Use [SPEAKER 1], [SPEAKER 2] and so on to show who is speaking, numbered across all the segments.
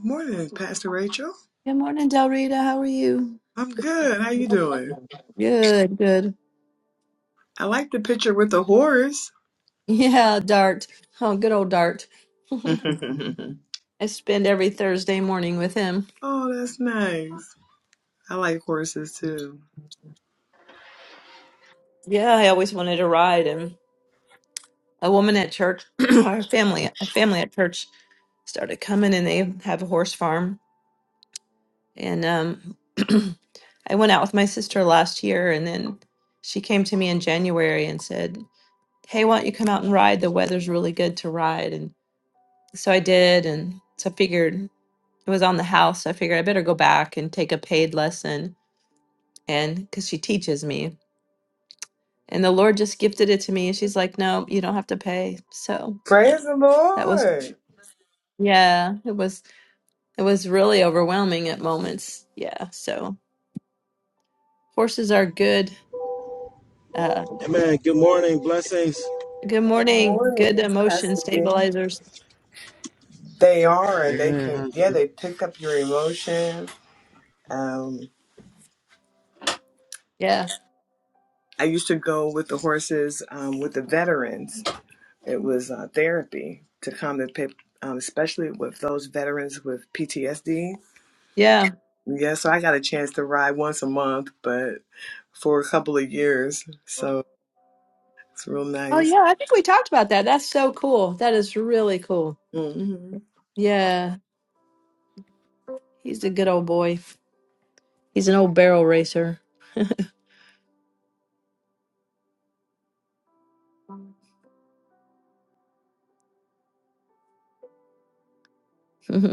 [SPEAKER 1] Morning, Pastor Rachel.
[SPEAKER 2] Good morning, Del Rita. How are you?
[SPEAKER 1] I'm good. How you doing?
[SPEAKER 2] Good, good.
[SPEAKER 1] I like the picture with the horse.
[SPEAKER 2] Yeah, Dart. Oh, good old Dart. I spend every Thursday morning with him.
[SPEAKER 1] Oh, that's nice. I like horses too.
[SPEAKER 2] Yeah, I always wanted to ride, and a woman at church, our family, a family at church, started coming, and they have a horse farm. And um, I went out with my sister last year, and then she came to me in January and said, "Hey, why don't you come out and ride? The weather's really good to ride." And so I did, and so I figured. it was on the house. So I figured I better go back and take a paid lesson and because she teaches me. And the Lord just gifted it to me. And she's like, no, you don't have to pay. So
[SPEAKER 1] Praise the
[SPEAKER 2] that was,
[SPEAKER 1] Lord.
[SPEAKER 2] yeah, it was, it was really overwhelming at moments. Yeah. So horses are good. Uh,
[SPEAKER 3] Amen. Good morning. Blessings.
[SPEAKER 2] good
[SPEAKER 1] Good
[SPEAKER 2] morning. Good
[SPEAKER 1] morning,
[SPEAKER 2] emotion
[SPEAKER 1] Pastor D.
[SPEAKER 2] stabilizers.
[SPEAKER 1] They are, and they
[SPEAKER 3] Amen.
[SPEAKER 1] can.
[SPEAKER 3] How's it
[SPEAKER 1] Yeah,
[SPEAKER 3] going?
[SPEAKER 1] they pick up your emotions. Um,
[SPEAKER 2] Yeah.
[SPEAKER 1] I used to go with the horses um, with the veterans. It was uh, therapy to calm the, pick, um, especially with those veterans with PTSD.
[SPEAKER 2] Yeah.
[SPEAKER 1] Yeah, so I got a chance to ride once a month, but for a couple of years. So it's real
[SPEAKER 2] Oh,
[SPEAKER 1] nice.
[SPEAKER 2] yeah. I think we talked about that. That's so cool. That is really cool.
[SPEAKER 1] hmm
[SPEAKER 2] Yeah. He's a good old boy. He's an old barrel racer.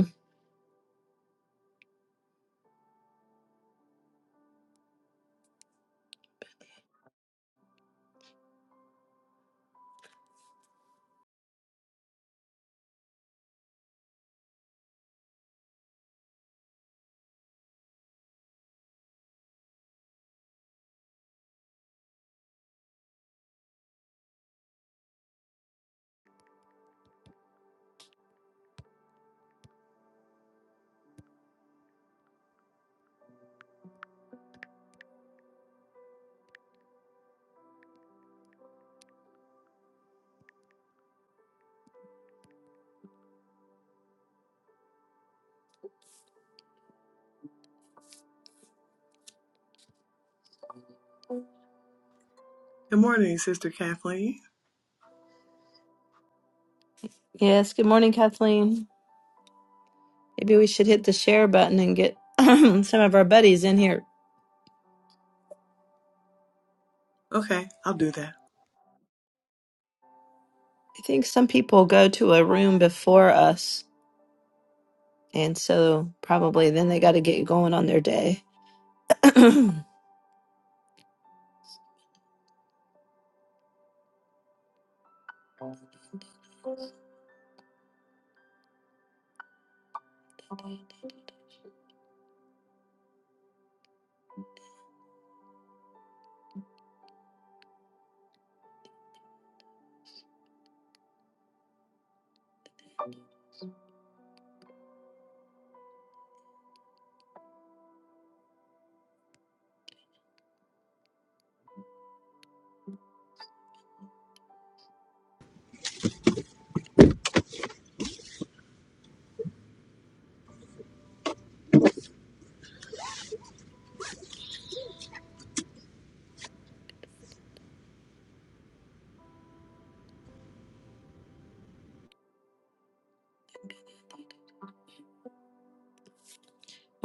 [SPEAKER 1] Good morning, Sister Kathleen.
[SPEAKER 2] Yes, good morning, Kathleen. Maybe we should hit the share button and get some of our buddies in here.
[SPEAKER 1] Okay, I'll do that.
[SPEAKER 2] I think some people go to a room before us, and so probably then they got to get going on their day. well,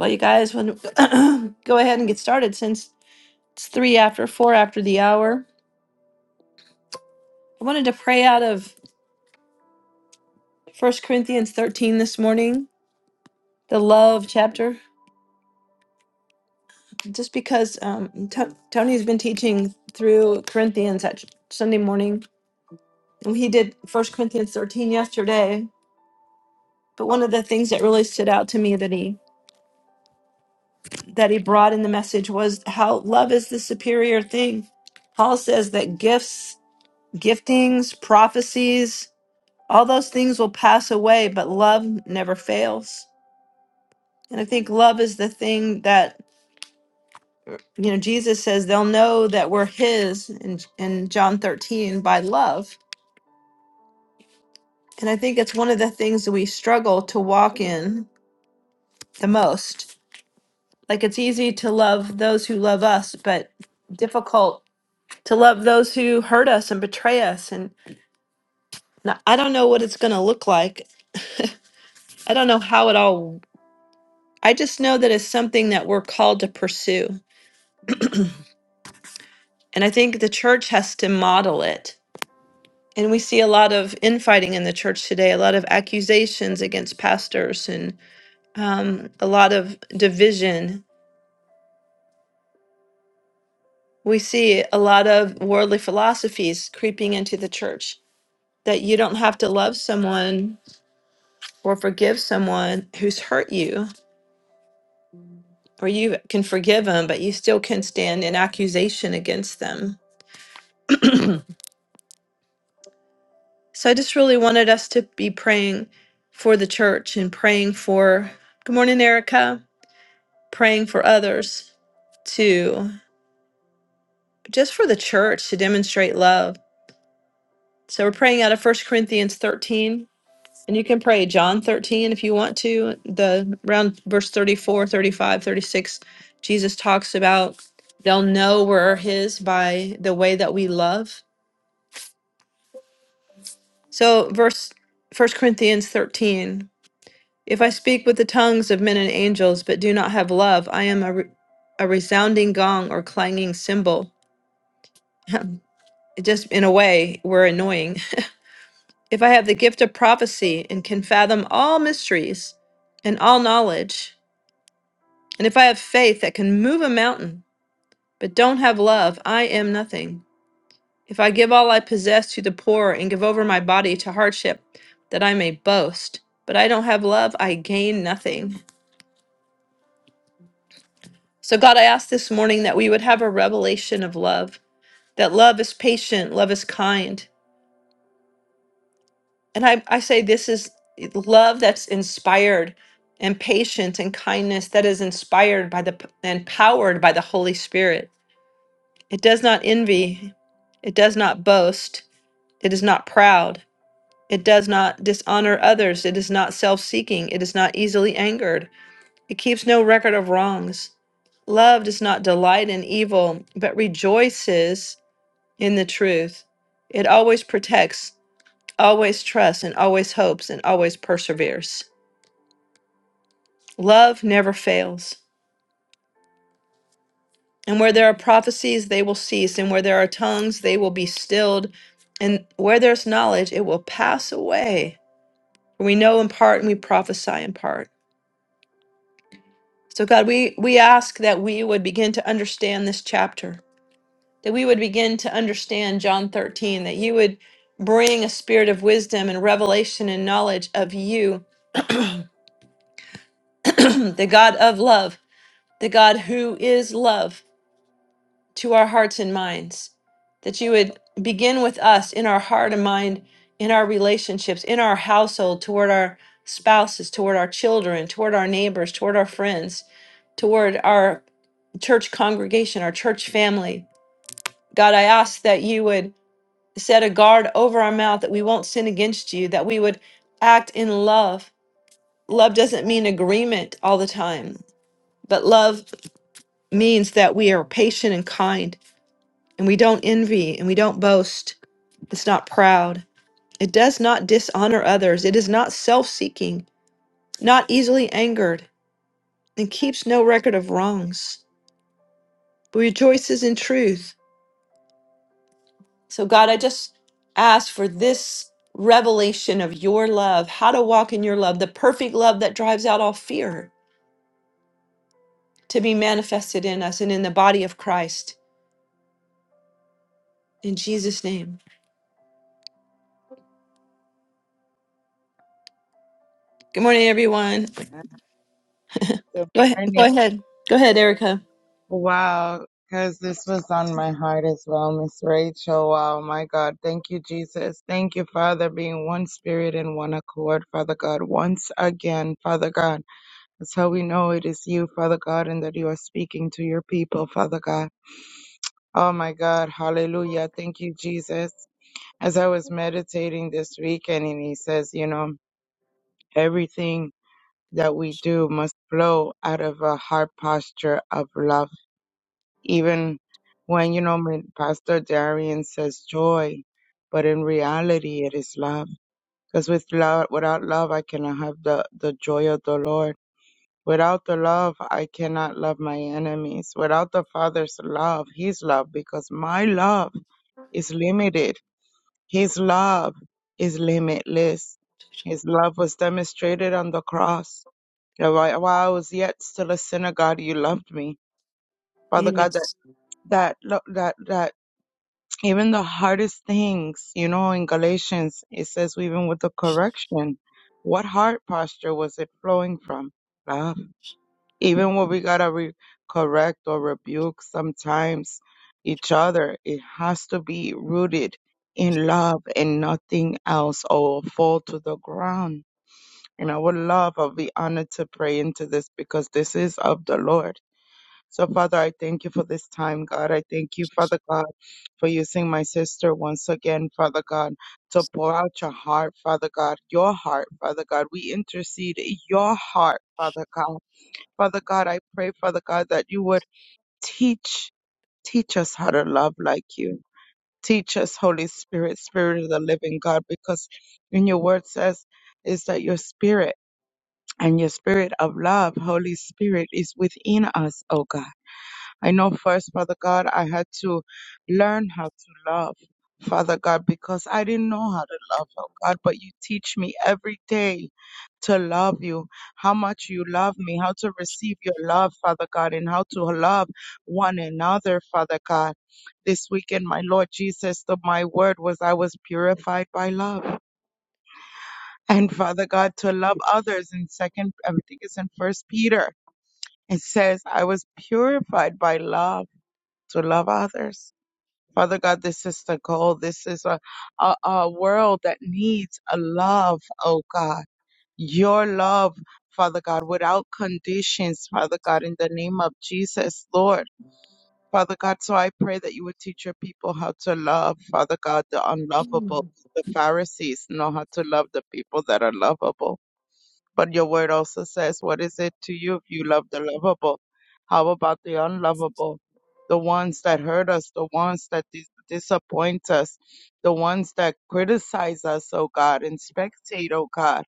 [SPEAKER 2] you guys, when, go ahead and get started since it's three after four after the hour. I wanted to pray out of First Corinthians 13 this morning, the love chapter, just because um, T- Tony's been teaching through Corinthians at Sunday morning And he did First Corinthians 13 yesterday. But one of the things that really stood out to me that he that he brought in the message was how love is the superior thing. Paul says that gifts, giftings, prophecies, all those things will pass away, but love never fails. And I think love is the thing that you know Jesus says they'll know that we're his in, in John 13 by love. And I think it's one of the things that we struggle to walk in the most Like it's easy to love those who love us, but difficult to love those who hurt us and betray us. And n- I don't know what it's going to look like. I don't know how it all, I just know that it's something that we're called to pursue. And I think the church has to model it. And we see a lot of infighting in the church today, a lot of accusations against pastors and um, a lot of division. We see a lot of worldly philosophies creeping into the church that you don't have to love someone or forgive someone who's hurt you, or you can forgive them, but you still can stand in accusation against them. So I just really wanted us to be praying for the church and praying for, good morning, Erica, praying for others to just for the church to demonstrate love. So we're praying out of First Corinthians 13 And you can pray John 13 if you want to. The around verse 34, 35, 36, Jesus talks about they'll know we're his by the way that we love. So verse 1 Corinthians 13, if I speak with the tongues of men and angels but do not have love, I am a, re- a resounding gong or clanging cymbal. It just in a way, we're annoying. If I have the gift of prophecy and can fathom all mysteries and all knowledge, And if I have faith that can move a mountain, but don't have love, I am nothing. If I give all I possess to the poor and give over my body to hardship, that I may boast, but I don't have love, I gain nothing. So, God, I ask this morning that we would have a revelation of love, that love is patient, love is kind. And I, I say this is love that's inspired and patient and kindness that is inspired by the and powered by the Holy Spirit. It does not envy. It does not boast. It is not proud. It does not dishonor others. It is not self seeking. It is not easily angered. It keeps no record of wrongs. Love does not delight in evil, but rejoices in the truth. It always protects, always trusts, and always hopes, and always perseveres. Love never fails. And where there are prophecies, they will cease. And where there are tongues, they will be stilled. And where there's knowledge, it will pass away. we know in part and we prophesy in part. So, God, we, we ask that we would begin to understand this chapter, that we would begin to understand John 13, that you would bring a spirit of wisdom and revelation and knowledge of you, the God of love, the God who is love. to our hearts and minds, that you would begin with us in our heart and mind, in our relationships, in our household, toward our spouses, toward our children, toward our neighbors, toward our friends, toward our church congregation, our church family. God, I ask that you would set a guard over our mouth, that we won't sin against you, that we would act in love. Love doesn't mean agreement all the time, but love means that we are patient and kind And we don't envy and we don't boast. It's not proud. It does not dishonor others. It is not self seeking, not easily angered, and keeps no record of wrongs, but rejoices in truth. So, God, I just ask for this revelation of your love, how to walk in your love, the perfect love that drives out all fear to be manifested in us and in the body of Christ. In Jesus' name. Good morning, everyone.
[SPEAKER 4] Good
[SPEAKER 2] Go ahead. Go
[SPEAKER 4] morning.
[SPEAKER 2] ahead. Go ahead, Erica.
[SPEAKER 4] Wow, because this was on my heart as well, Miss Rachel. Wow, my God. Thank you, Jesus. Thank you, Father, being one spirit and one accord, Father God, once again, Father God. That's how we know it is you, Father God, and that you are speaking to your people, Father God. Oh, my God. Hallelujah. Thank you, Jesus. As I was meditating this weekend, and he says, you know, everything that we do must flow out of a heart posture of love. Even when, you know, my- Pastor Darian says joy, but in reality it is love. Because with love, without love, I cannot have the, the joy of the Lord. Without the love, I cannot love my enemies. Without the Father's love, His love, because my love is limited. His love is limitless. His love was demonstrated on the cross. You know, While while I was yet still a sinner, God, you loved me. Father God, that
[SPEAKER 2] Yes.
[SPEAKER 4] that lo- that that. Even the hardest things, you know, in Galatians, it says, even with the correction, what heart posture was it flowing from? Love. Even when we got to re- correct or rebuke sometimes each other, it has to be rooted in love and nothing else or it'll fall to the ground. And I would love, I'll be honored to pray into this because this is of the Lord so, Father, I thank you for this time, God. I thank you, Father God, for using my sister once again, Father God, to pour out your heart, Father God, your heart, Father God. We intercede your heart, Father God. Father God, I pray, Father God, that you would teach, teach us how to love like you. Teach us, Holy Spirit, Spirit of the living God, because in your word says is that your spirit and your spirit of love, Holy Spirit, is within us, oh God. I know first, Father God, I had to learn how to love, Father God, because I didn't know how to love, oh God, but you teach me every day to love you, how much you love me, how to receive your love, Father God, and how to love one another, Father God. This weekend, my Lord Jesus, the, my word was I was purified by love. And Father God, to love others in second, I think it's in first Peter. It says, I was purified by love to love others. Father God, this is the goal. This is a, a, a world that needs a love, oh God. Your love, Father God, without conditions, Father God, in the name of Jesus, Lord. Father God, so I pray that you would teach your people how to love, Father God, the unlovable. The Pharisees know how to love the people that are lovable. But your word also says, What is it to you if you love the lovable? How about the unlovable? The ones that hurt us, the ones that dis- disappoint us, the ones that criticize us, oh God, and spectate, oh God,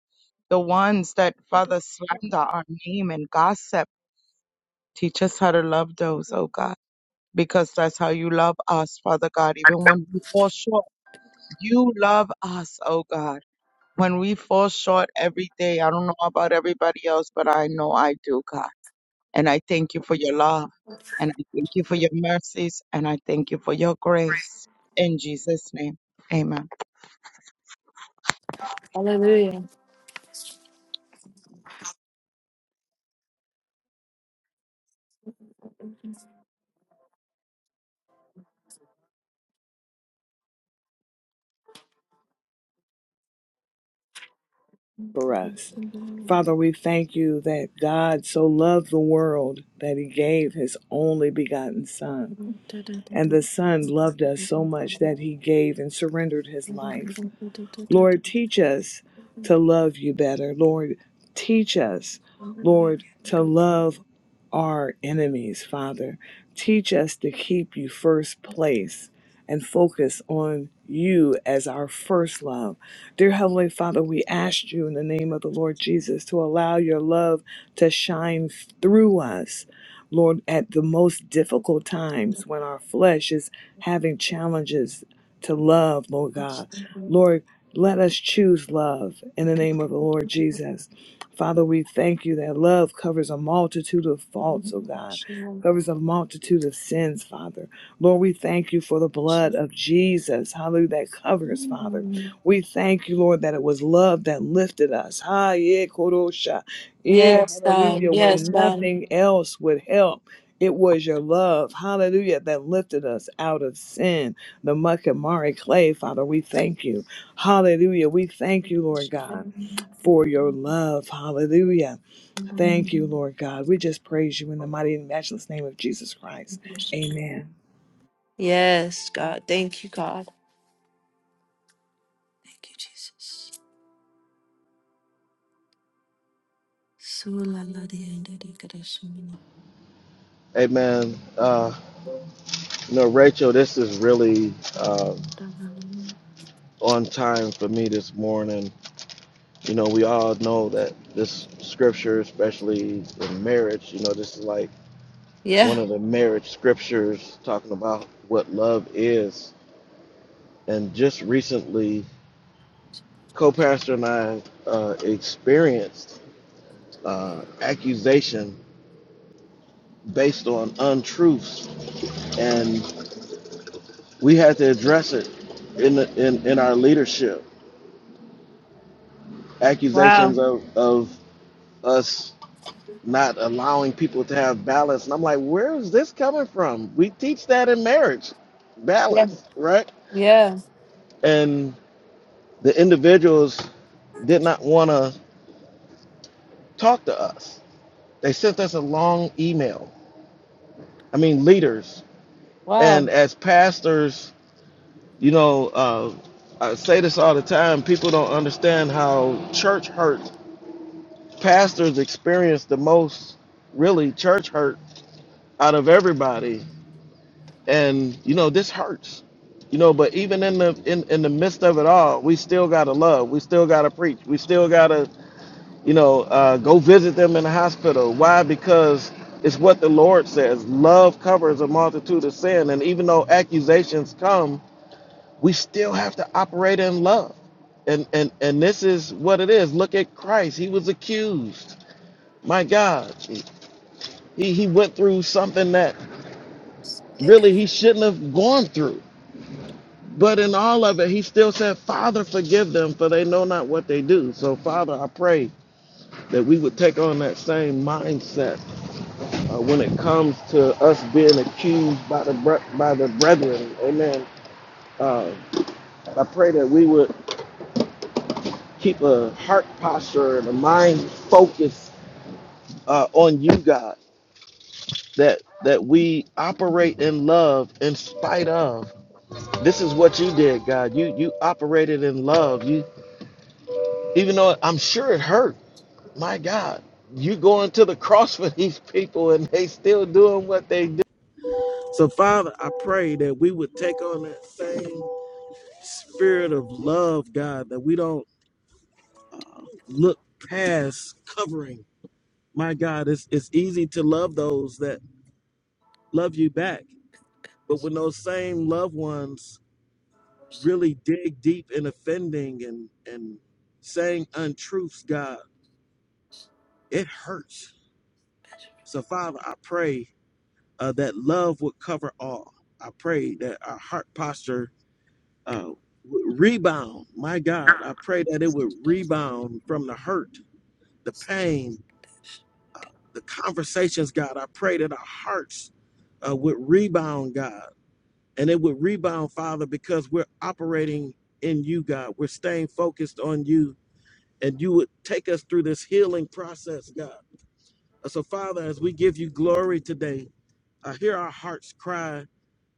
[SPEAKER 4] the ones that, Father, slander our name and gossip. Teach us how to love those, oh God, because that's how you love us, Father God, even when we fall short. You love us, oh God when we fall short every day, I don't know about everybody else, but I know I do, God. And I thank you for your love. And I thank you for your mercies. And I thank you for your grace. In Jesus' name, amen.
[SPEAKER 1] for us. Father, we thank you that God so loved the world that he gave his only begotten Son. And the Son loved us so much that he gave and surrendered his life. Lord, teach us to love you better. Lord, teach us, Lord, to love our enemies, Father. Teach us to keep you first place and focus on you as our first love. Dear Heavenly Father, we ask you in the name of the Lord Jesus to allow your love to shine through us. Lord, at the most difficult times when our flesh is having challenges to love, Lord
[SPEAKER 2] Yes,
[SPEAKER 1] God. Lord, let us choose love in the name of the Lord Jesus. Father, we thank you that love covers a multitude of faults, oh God, covers a multitude of sins, Father. Lord, we thank you for the blood
[SPEAKER 2] God.
[SPEAKER 1] of Jesus, hallelujah, that covers, Father. We thank you, Lord, that it was love that lifted us. Ha, yeah, korosha. Yeah,
[SPEAKER 2] Yes,
[SPEAKER 1] hallelujah, when
[SPEAKER 2] God.
[SPEAKER 1] nothing else would help. It was your love, hallelujah, that lifted us out of sin the muck and Mari clay, Father. We thank you. Hallelujah. We thank you, Lord God, for your love. Hallelujah. Thank you, Lord God. We just praise you in the mighty and matchless name of Jesus Christ. Amen.
[SPEAKER 2] Yes, God. Thank you, God. Thank you, Jesus. Sula la di ende di kadashimini.
[SPEAKER 3] Hey man, uh, you know Rachel, this is really uh, on time for me this morning. You know, we all know that this scripture, especially in marriage, you know, this is like one
[SPEAKER 2] Yeah.
[SPEAKER 3] of the marriage scriptures talking about what love is. And just recently, co-pastor and I uh, experienced uh, accusation based on untruths, and. We had to address it in the, in in our leadership. Accusations
[SPEAKER 2] Wow.
[SPEAKER 3] of of us not allowing people to have balance, and I'm like, where is this coming from? We teach that in marriage,
[SPEAKER 2] Yeah.
[SPEAKER 3] balance, right?
[SPEAKER 2] Yeah.
[SPEAKER 3] And the individuals did not want to talk to us. They sent us a long email. I mean, leaders and
[SPEAKER 2] Wow.
[SPEAKER 3] as pastors, you know, uh, I say this all the time. People don't understand how church hurt pastors experience the most really church hurt out of everybody and you know this hurts you know but even in the in, in the midst of it all we still gotta love we still gotta preach we still gotta you know uh, go visit them in the hospital why because it's what the lord says love covers a multitude of sin and even though accusations come we still have to operate in love and and and this is what it is look at christ he was accused my god He he went through something that really he shouldn't have gone through. But in all of it, he still said, Father, forgive them, for they know not what they do. So, Father, I pray that we would take on that same mindset uh, when it comes to us being accused by the bre- by the brethren. Amen. Uh, I pray that we would keep a heart posture and a mind focus uh, on you, God. That that we operate in love in spite of. This is what you did, God. You you operated in love. You even though I'm sure it hurt, my God, you going to the cross for these people and they still doing what they do. So Father, I pray that we would take on that same spirit of love, God, that we don't uh, look past covering. My God, it's it's easy to love those that love you back, but when those same loved ones really dig deep in offending and and saying untruths, God, it hurts. So Father, I pray uh, that love would cover all. I pray that our heart posture uh, would rebound. My God, I pray that it would rebound from the hurt, the pain, the conversations. God, I pray that our hearts uh, would rebound, God, and it would rebound, Father, because we're operating in you, God. We're staying focused on you and you would take us through this healing process, God. Uh, So, Father, as we give you glory today, I hear our hearts cry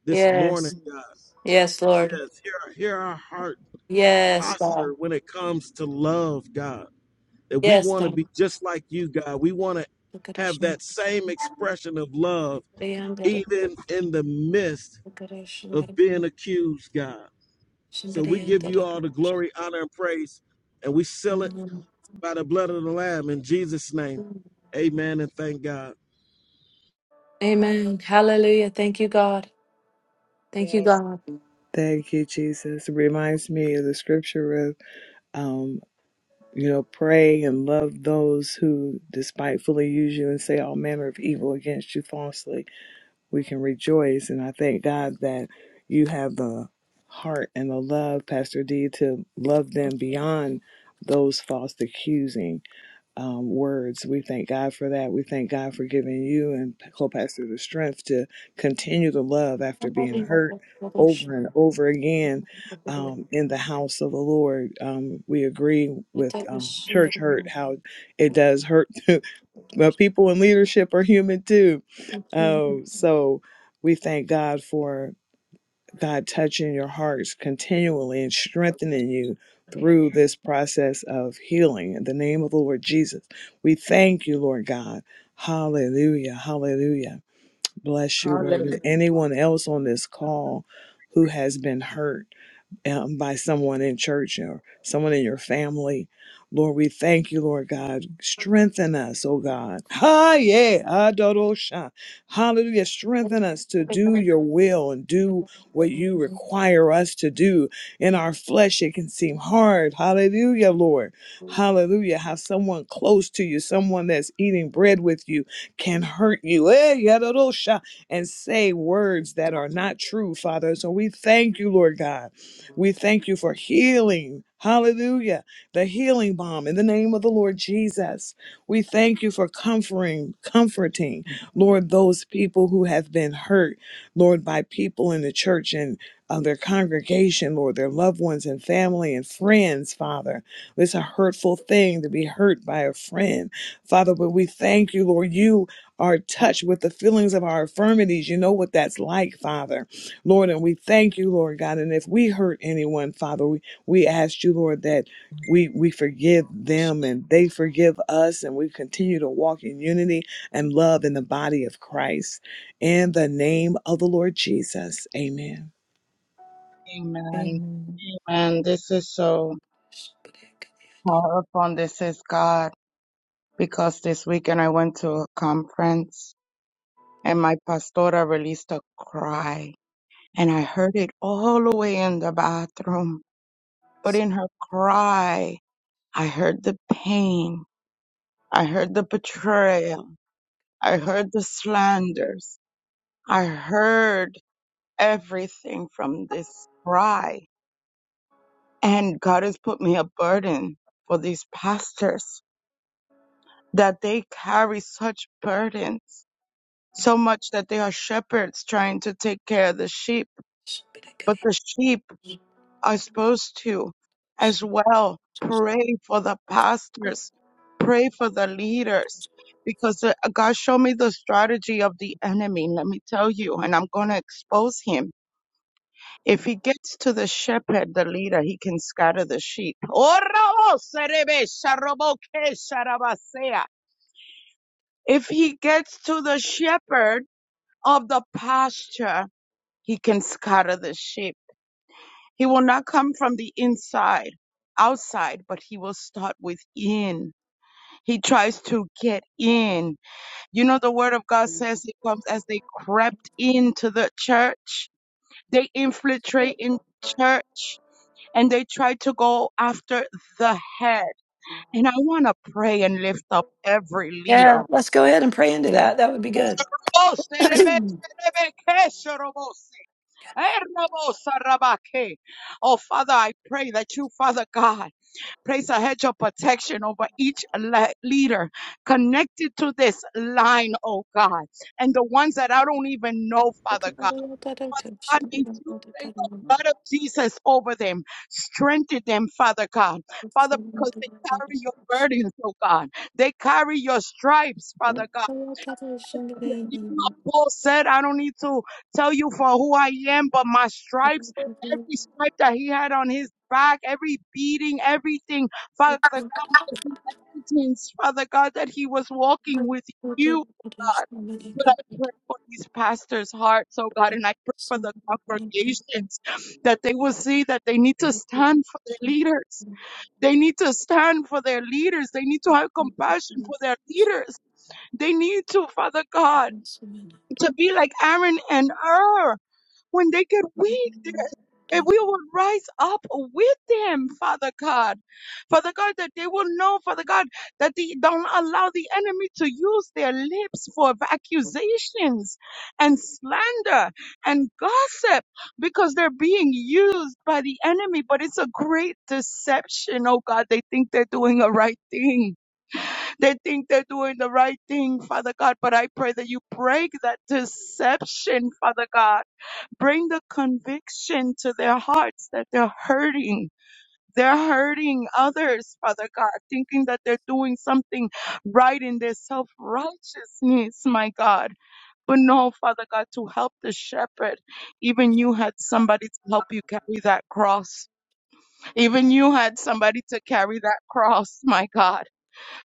[SPEAKER 3] this morning,
[SPEAKER 2] Yes.
[SPEAKER 3] God.
[SPEAKER 2] Yes, Lord.
[SPEAKER 3] Yes, hear, hear our heart
[SPEAKER 2] Yes,
[SPEAKER 3] posture
[SPEAKER 2] God.
[SPEAKER 3] when it comes to love, God. That we
[SPEAKER 2] Yes,
[SPEAKER 3] want to
[SPEAKER 2] God.
[SPEAKER 3] be just like you, God. We want to have
[SPEAKER 2] Kadashimini.
[SPEAKER 3] that same expression of love,
[SPEAKER 2] Di ende di
[SPEAKER 3] even in the midst of
[SPEAKER 2] kadashimini.
[SPEAKER 3] being accused, God. So we give you all the glory, honor, and praise, and we seal it by the blood of the Lamb in Jesus' name. Amen and thank God.
[SPEAKER 2] Amen. Hallelujah. Thank you, God. Thank you,
[SPEAKER 4] Yes.
[SPEAKER 2] God.
[SPEAKER 1] Thank you, Jesus. It reminds me of the scripture of, um, you know, pray and love those who despitefully use you and say all manner of evil against you falsely. we can rejoice. And I thank God that you have the heart and the love, Pastor D, to love them beyond those false accusing um, words. We thank God for that. We thank God for giving you and co pastor the strength to continue to love after being hurt over and over again um, in the house of the Lord. Um, we agree with um, church hurt, how it does hurt but people in leadership are human too. Um, so we thank God for God touching your hearts continually and strengthening you through this process of healing. In the name of the Lord Jesus, we thank you, Lord God. Hallelujah. Hallelujah. Bless you, Lord.
[SPEAKER 4] Hallelujah.
[SPEAKER 1] And anyone else on this call who has been hurt, um, by someone in church or someone in your family. Lord, we thank you, Lord God. Strengthen us, oh God. Ha, yeah. Adorosha. Hallelujah. Strengthen us to do your will and do what you require us to do. In our flesh, it can seem hard. Hallelujah, Lord. Hallelujah. How someone close to you, someone that's eating bread with you, can hurt you. Eh, yadorosha. And say words that are not true, Father. So we thank you, Lord God. We thank you for healing. Hallelujah. The healing balm in the name of the Lord Jesus. We thank you for comforting, comforting, Lord, those people who have been hurt, Lord, by people in the church and uh, their congregation, Lord, their loved ones and family and friends, Father. It's a hurtful thing to be hurt by a friend, Father, but we thank you, Lord. You are touched with the feelings of our infirmities. You know what that's like, Father. Lord, and we thank you, Lord God. And if we hurt anyone, Father, we, we ask you, Lord, that we we forgive them and they forgive us, and we continue to walk in unity and love in the body of Christ. In the name of the Lord Jesus. Amen.
[SPEAKER 4] Amen.
[SPEAKER 5] Amen.
[SPEAKER 4] Amen. This is so powerful. This is God. Because this weekend I went to a conference and my pastora released a cry. And I heard it all the way in the bathroom. But in her cry, I heard the pain. I heard the betrayal. I heard the slanders. I heard everything from this cry. And God has put me a burden for these pastors that they carry such burdens, so much that they are shepherds trying to take care of the sheep. But the sheep are supposed to as well pray for the pastors, pray for the leaders, because uh, God showed me the strategy of the enemy. Let me tell you, and I'm going to expose him. If he gets to the shepherd, the leader, he can scatter the sheep. If he gets to the shepherd of the pasture, he can scatter the sheep. He will not come from the inside, outside, but he will start within. He tries to get in. You know, the word of God says it comes as they crept into the church. They infiltrate in church and they try to go after the head. And I want to pray and lift up every
[SPEAKER 2] Yeah,
[SPEAKER 4] leader.
[SPEAKER 2] let's go ahead and pray into that. That would be good.
[SPEAKER 4] Oh, Father, I pray that you, Father God, Place a hedge of protection over each le- leader connected to this line, oh God, and the ones that I don't even know, Father God. Father God, may you place the blood of Jesus over them, strengthen them, Father God. Father, because they carry your burdens, oh God. They carry your stripes, Father God. You know, Paul said, I don't need to tell you for who I am, but my stripes, every stripe that he had on his back, every beating, everything, Father God, was the evidence, Father God, that he was walking with you, God. But I pray for these pastors' hearts, oh God, and I pray for the congregations that they will see that they need to stand for their leaders. They need to stand for their leaders. They need to have compassion for their leaders. They need to, Father God to be like Aaron and Ur. When they get weak, and we will rise up with them, Father God. Father God, that they will know, Father God, that they don't allow the enemy to use their lips for accusations and slander and gossip because they're being used by the enemy. But it's a great deception, oh God. They think they're doing a right thing they think they're doing the right thing, Father God, but I pray that you break that deception, Father God. Bring the conviction to their hearts that they're hurting. They're hurting others, Father God, thinking that they're doing something right in their self righteousness, my God. But no, Father God, to help the shepherd, even you had somebody to help you carry that cross. Even you had somebody to carry that cross, my God.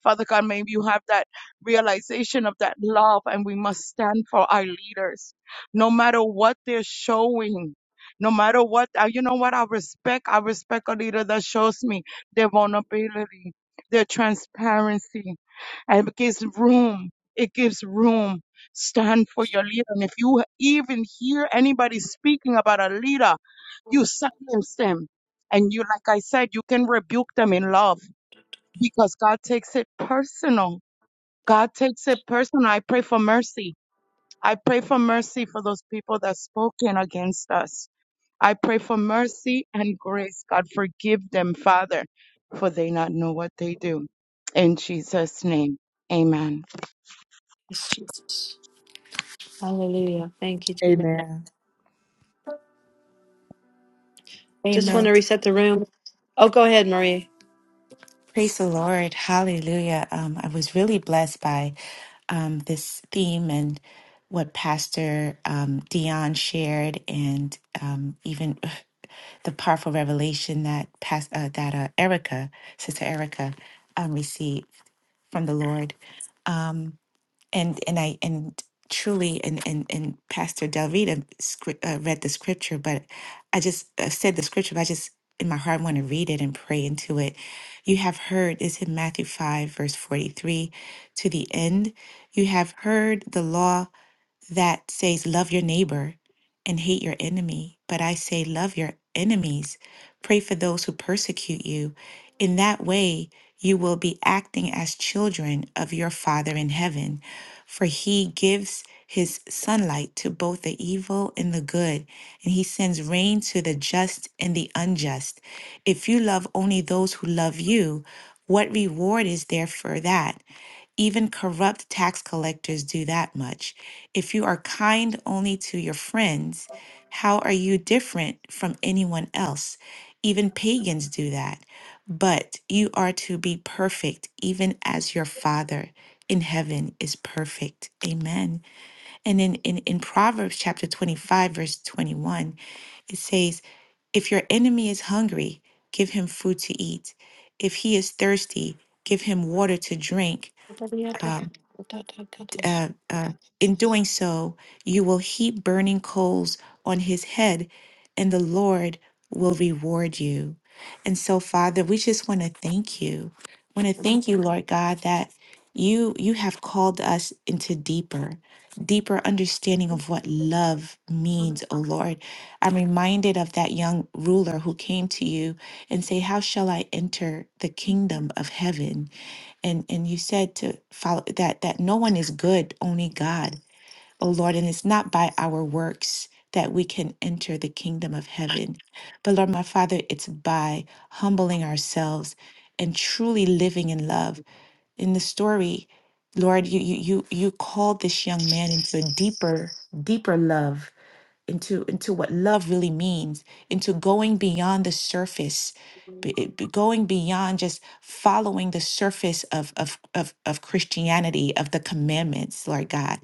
[SPEAKER 4] Father God, may you have that realization of that love and we must stand for our leaders. No matter what they're showing, no matter what, uh, you know what, I respect, I respect a leader that shows me their vulnerability, their transparency, and it gives room. It gives room. Stand for your leader. And if you even hear anybody speaking about a leader, you silence them. And you, like I said, you can rebuke them in love because God takes it personal. God takes it personal. I pray for mercy. I pray for mercy for those people that spoken against us. I pray for mercy and grace. God forgive them, Father, for they not know what they do. In Jesus' name, amen.
[SPEAKER 1] Amen.
[SPEAKER 2] Just want to
[SPEAKER 5] Amen.
[SPEAKER 2] reset the room. Oh, go ahead, Marie.
[SPEAKER 5] Praise the Lord. Hallelujah. Um, I was really blessed by um, this theme and what Pastor um, Dion shared, and um, even the powerful revelation that past, uh, that uh, Erica, Sister Erica, um, received from the Lord. Um, and and I and truly and and and Pastor Delvita script, uh, read the scripture, but I just uh, said the scripture. But I just in my heart want to read it and pray into it. You have heard is in Matthew five verse forty three to the end. You have heard the law that says love your neighbor and hate your enemy, but I say love your enemies, pray for those who persecute you. In that way, you will be acting as children of your Father in heaven, for he gives his sunlight to both the evil and the good, and he sends rain to the just and the unjust. If you love only those who love you, what reward is there for that? Even corrupt tax collectors do that much. If you are kind only to your friends, how are you different from anyone else? Even pagans do that. But you are to be perfect, even as your Father in heaven is perfect. Amen. And in, in, in Proverbs chapter 25, verse 21, it says, If your enemy is hungry, give him food to eat. If he is thirsty, give him water to drink. Uh, uh, uh, in doing so, you will heap burning coals on his head, and the Lord will reward you. And so, Father, we just want to thank you. Want to thank you, Lord God, that you you have called us into deeper, deeper understanding of what love means, O Lord. I'm reminded of that young ruler who came to you and say, "How shall I enter the kingdom of heaven?" and and you said to follow that that no one is good only god oh lord and it's not by our works that we can enter the kingdom of heaven but lord my father it's by humbling ourselves and truly living in love in the story lord you you you, you called this young man into a deeper deeper love into into what love really means into going beyond the surface be- be- going beyond just following the surface of of of, of christianity of the commandments lord god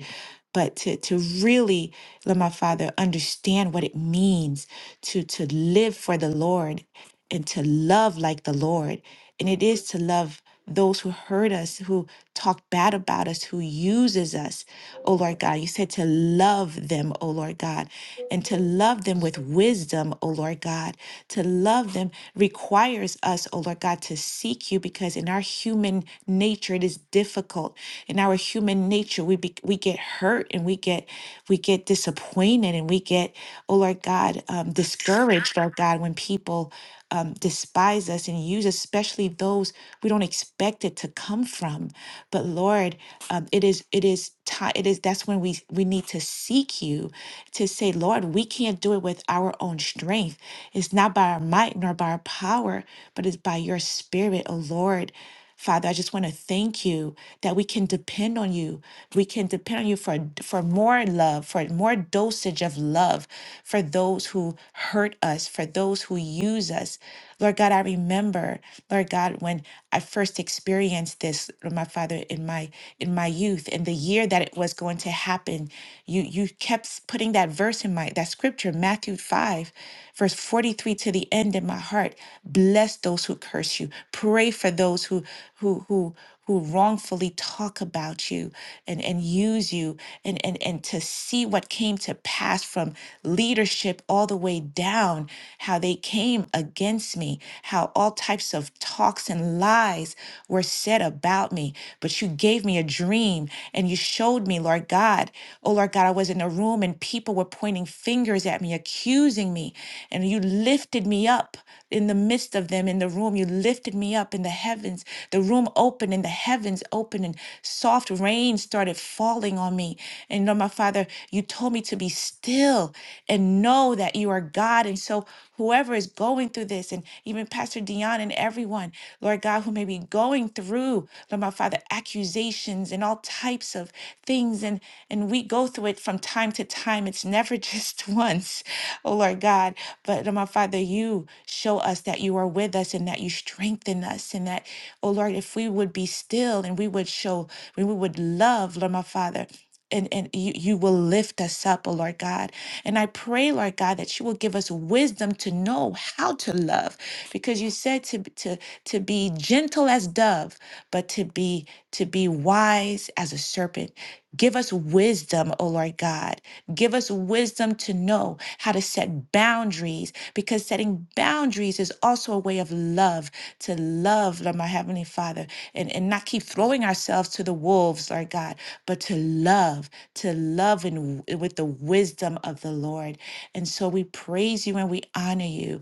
[SPEAKER 5] but to, to really let my father understand what it means to to live for the lord and to love like the lord and it is to love those who hurt us, who talk bad about us, who uses us, oh Lord God. You said to love them, oh Lord God, and to love them with wisdom, oh Lord God. To love them requires us, oh Lord God, to seek you because in our human nature it is difficult. In our human nature, we be, we get hurt and we get we get disappointed and we get, oh Lord God, um, discouraged, Lord God, when people um, despise us and use, especially those we don't expect it to come from. But Lord, um, it is it is time. It is that's when we we need to seek you to say, Lord, we can't do it with our own strength. It's not by our might nor by our power, but it's by your Spirit, O Lord. Father, I just want to thank you that we can depend on you. We can depend on you for, for more love, for more dosage of love for those who hurt us, for those who use us. Lord God, I remember, Lord God, when I first experienced this, Lord my Father, in my in my youth, and the year that it was going to happen, you you kept putting that verse in my that scripture, Matthew 5, verse 43 to the end in my heart. Bless those who curse you. Pray for those who who who who wrongfully talk about you and, and use you and, and and to see what came to pass from leadership all the way down, how they came against me, how all types of talks and lies were said about me. But you gave me a dream and you showed me, Lord God. Oh Lord God, I was in a room and people were pointing fingers at me, accusing me. And you lifted me up in the midst of them in the room. You lifted me up in the heavens. The room opened and the heavens opened and soft rain started falling on me. And Lord, my Father, you told me to be still and know that you are God. And so, whoever is going through this, and even Pastor Dion and everyone, Lord God, who may be going through, Lord, my Father, accusations and all types of things and and we go through it from time to time it's never just once oh lord god but oh my father you show us that you are with us and that you strengthen us and that oh lord if we would be still and we would show we would love lord my father and, and you, you will lift us up, oh Lord God. And I pray, Lord God, that you will give us wisdom to know how to love, because you said to to to be gentle as dove, but to be to be wise as a serpent. Give us wisdom, oh Lord God. Give us wisdom to know how to set boundaries because setting boundaries is also a way of love, to love Lord, my Heavenly Father, and, and not keep throwing ourselves to the wolves, Lord God, but to love, to love and with the wisdom of the Lord. And so we praise you and we honor you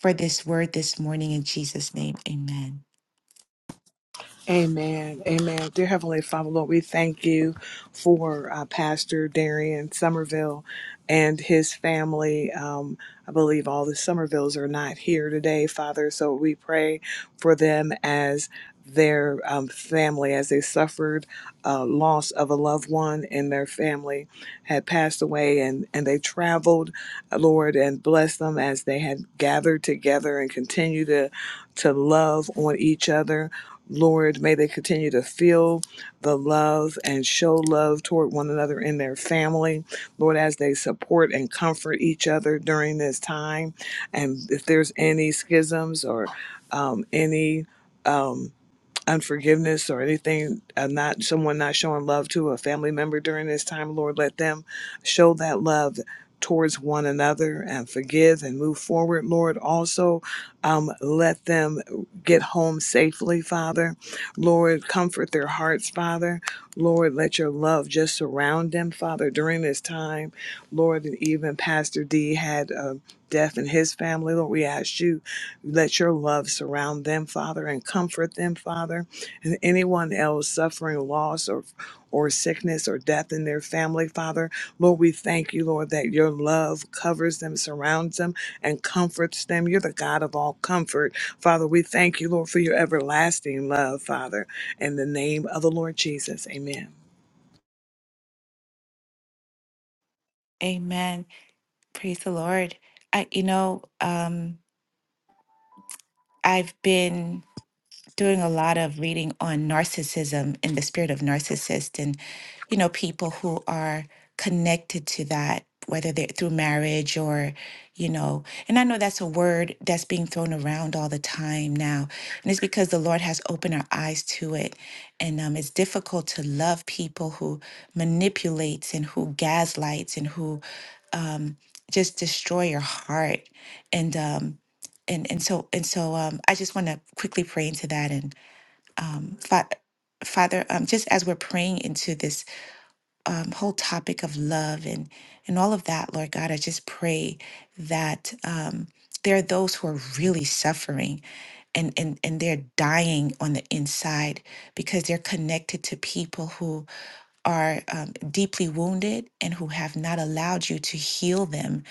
[SPEAKER 5] for this word this morning in Jesus' name. Amen.
[SPEAKER 1] Amen. Amen. Dear Heavenly Father, Lord, we thank you for uh, Pastor Darian Somerville and his family. Um, I believe all the Somervilles are not here today, Father, so we pray for them as their um, family, as they suffered uh, loss of a loved one and their family had passed away and, and they traveled, uh, Lord, and bless them as they had gathered together and continue to, to love on each other Lord, may they continue to feel the love and show love toward one another in their family. Lord, as they support and comfort each other during this time. And if there's any schisms or um, any. um, unforgiveness or anything uh, not someone not showing love to a family member during this time lord let them show that love towards one another and forgive and move forward lord also um, let them get home safely father lord comfort their hearts father lord let your love just surround them father during this time lord and even pastor d had uh, death in his family lord we ask you let your love surround them, Father, and comfort them, Father, and anyone else suffering loss or or sickness or death in their family, Father. Lord, we thank you, Lord, that your love covers them, surrounds them, and comforts them. You're the God of all comfort. Father, we thank you, Lord, for your everlasting love, Father. In the name of the Lord Jesus. Amen.
[SPEAKER 5] Amen. Praise the Lord. I you know, um, I've been doing a lot of reading on narcissism and the spirit of narcissist and you know people who are connected to that whether they're through marriage or you know and i know that's a word that's being thrown around all the time now and it's because the lord has opened our eyes to it and um, it's difficult to love people who manipulates and who gaslights and who um, just destroy your heart and um, and and so and so um, I just want to quickly pray into that and um, fa- Father, um, just as we're praying into this um, whole topic of love and and all of that, Lord God, I just pray that um, there are those who are really suffering. And, and, and they're dying on the inside because they're connected to people who are um, deeply wounded and who have not allowed you to heal them.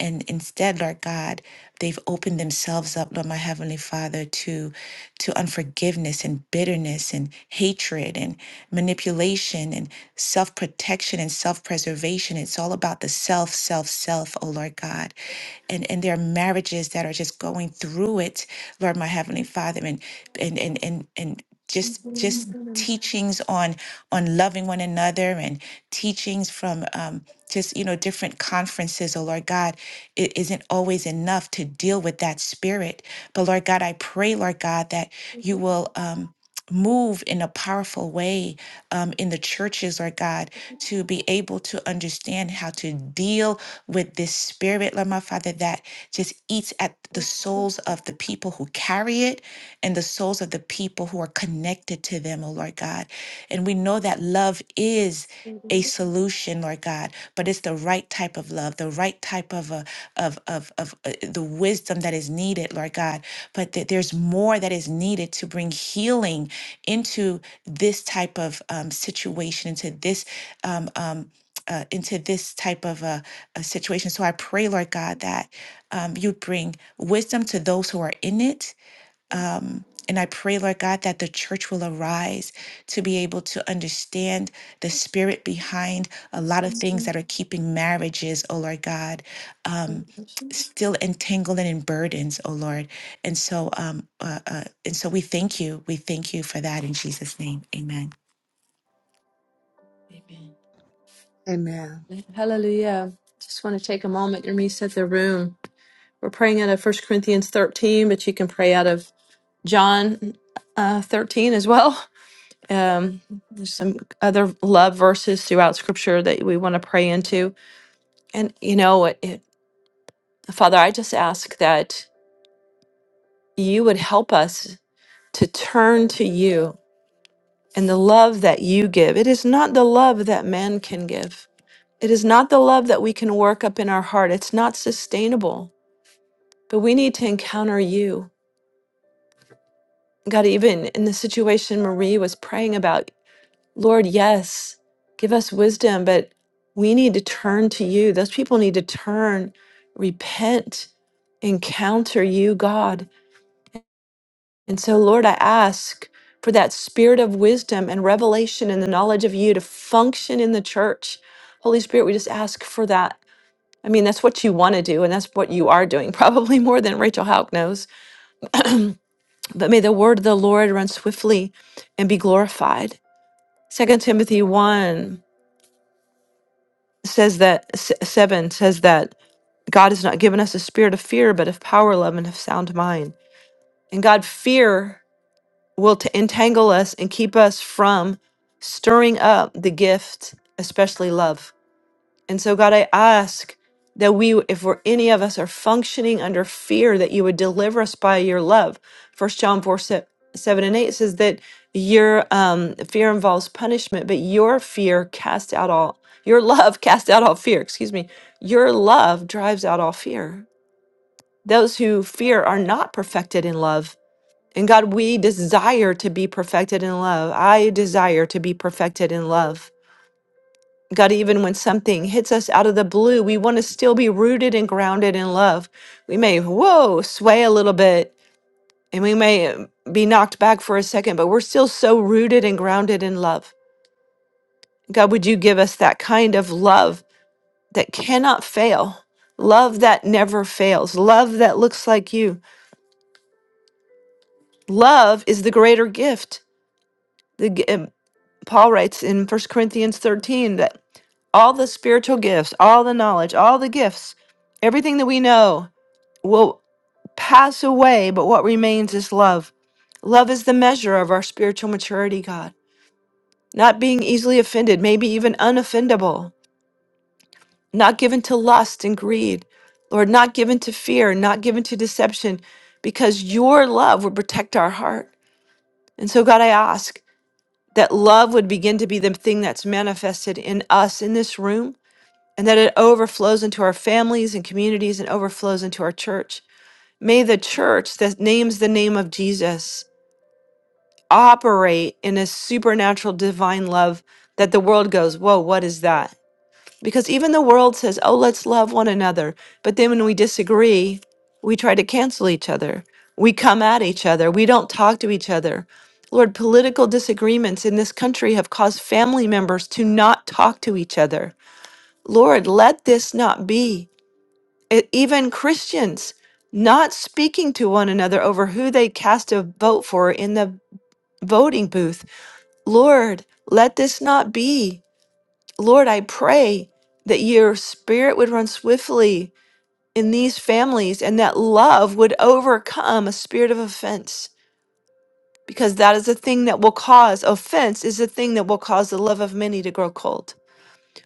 [SPEAKER 5] And instead, Lord God, they've opened themselves up, Lord my Heavenly Father, to, to unforgiveness and bitterness and hatred and manipulation and self protection and self preservation. It's all about the self, self, self, oh Lord God. And, and there are marriages that are just going through it, Lord my Heavenly Father, and, and, and, and, and just just teachings on on loving one another and teachings from um, just you know different conferences oh lord god it isn't always enough to deal with that spirit but lord god i pray lord god that you will um, move in a powerful way um, in the churches, Lord God, to be able to understand how to deal with this spirit, Lord my Father, that just eats at the souls of the people who carry it and the souls of the people who are connected to them, oh Lord God. And we know that love is a solution, Lord God, but it's the right type of love, the right type of a, of of of uh, the wisdom that is needed, Lord God. But that there's more that is needed to bring healing into this type of um, situation, into this um, um, uh, into this type of a, a situation. So I pray, Lord God, that um, you bring wisdom to those who are in it um, and I pray, Lord God, that the church will arise to be able to understand the spirit behind a lot of things that are keeping marriages, oh Lord God, um, still entangled and in burdens, oh Lord. And so, um, uh, uh, and so we thank you. We thank you for that in Jesus' name. Amen.
[SPEAKER 1] Amen.
[SPEAKER 2] Hallelujah. Just want to take a moment and reset the room. We're praying out of First Corinthians 13, but you can pray out of John uh, 13 as well. Um, there's some other love verses throughout Scripture that we want to pray into, and you know, it, it- Father, I just ask that you would help us to turn to you and the love that you give. It is not the love that man can give. It is not the love that we can work up in our heart. It's not sustainable. But we need to encounter you. God, even in the situation Marie was praying about, Lord, yes, give us wisdom, but we need to turn to you. Those people need to turn, repent, encounter you, God. And so, Lord, I ask for that spirit of wisdom and revelation and the knowledge of you to function in the church. Holy Spirit, we just ask for that. I mean, that's what you want to do, and that's what you are doing, probably more than Rachel Houck knows. But may the word of the Lord run swiftly and be glorified. Second Timothy 1 says that s- seven says that God has not given us a spirit of fear, but of power, love, and of sound mind. And God, fear will to entangle us and keep us from stirring up the gift, especially love. And so, God, I ask that we, if we're, any of us are functioning under fear, that you would deliver us by your love. First John 4, se- 7 and 8 says that your um, fear involves punishment, but your fear cast out all, your love cast out all fear, excuse me. Your love drives out all fear. Those who fear are not perfected in love. And God, we desire to be perfected in love. I desire to be perfected in love. God, even when something hits us out of the blue, we want to still be rooted and grounded in love. We may, whoa, sway a little bit and we may um, be knocked back for a second, but we're still so rooted and grounded in love. God, would you give us that kind of love that cannot fail? Love that never fails. Love that looks like you. Love is the greater gift. The, g- um, Paul writes in First Corinthians 13 that all the spiritual gifts, all the knowledge, all the gifts, everything that we know, will pass away, but what remains is love. Love is the measure of our spiritual maturity, God. Not being easily offended, maybe even unoffendable, not given to lust and greed, Lord, not given to fear, not given to deception, because your love would protect our heart. And so, God, I ask that love would begin to be the thing that's manifested in us in this room, and that it overflows into our families and communities and overflows into our church. May the church that names the name of Jesus operate in a supernatural divine love that the world goes, Whoa, what is that? Because even the world says, Oh, let's love one another. But then when we disagree, we try to cancel each other. We come at each other. We don't talk to each other. Lord, political disagreements in this country have caused family members to not talk to each other. Lord, let this not be. E- even Christians not speaking to one another over who they cast a vote for in the voting booth Lord, let this not be. Lord, I pray that your spirit would run swiftly in these families and that love would overcome a spirit of offense because that is the thing that will cause offense is the thing that will cause the love of many to grow cold.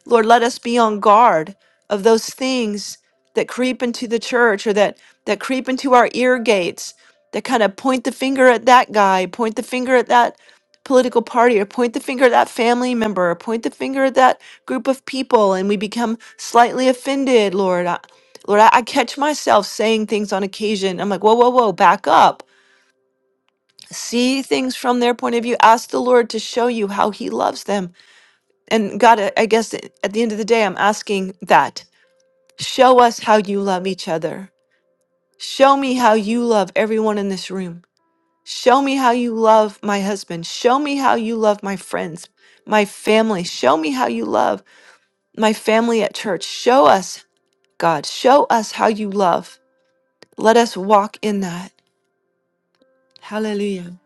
[SPEAKER 2] Lord, let us be on guard of those things that creep into the church or that, that creep into our ear gates, that kind of point the finger at that guy, point the finger at that political party, or point the finger at that family member, or point the finger at that group of people, and we become slightly offended, Lord. I, Lord, I, I catch myself saying things on occasion. I'm like, whoa, whoa, whoa, back up. See things from their point of view. Ask the Lord to show you how He loves them and God, I I guess at the end of the day, I'm asking that. Show us how you love each other. Show me how you love everyone in this room. Show me how you love my husband. Show me how you love my friends, my family. Show me how you love my family at church. Show us, God, show us how you love. Let us walk in that. Hallelujah.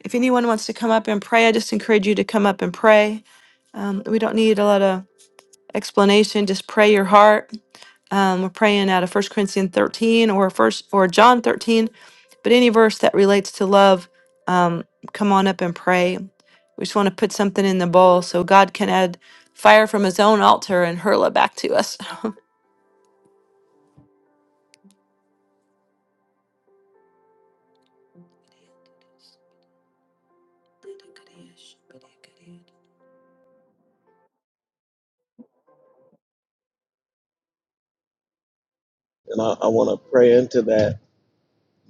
[SPEAKER 2] If anyone wants to come up and pray, I just encourage you to come up and pray. Um, we don't need a lot of explanation, just pray your heart. Um, we're praying out of 1 Corinthians 13 or first or John 13, but any verse that relates to love, um, come on up and pray. We just want to put something in the bowl so God can add fire from his own altar and hurl it back to us.
[SPEAKER 3] And I, I want to pray into that.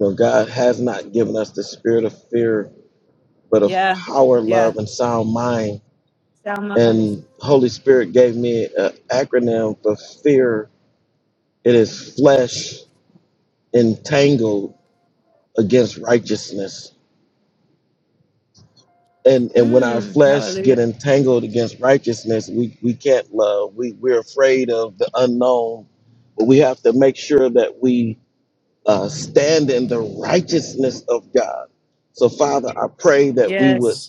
[SPEAKER 3] You know, God has not given us the spirit of fear, but of
[SPEAKER 2] Yeah.
[SPEAKER 3] power,
[SPEAKER 2] Yeah.
[SPEAKER 3] love, and sound mind.
[SPEAKER 2] Sound mind.
[SPEAKER 3] And Holy Spirit gave me an acronym for fear. It is flesh entangled against righteousness. And and when our
[SPEAKER 2] Mm,
[SPEAKER 3] flesh get
[SPEAKER 2] hallelujah.
[SPEAKER 3] entangled against righteousness, we, we can't love. We we're afraid of the unknown. But we have to make sure that we uh, stand in the righteousness of God. So, Father, I pray that we would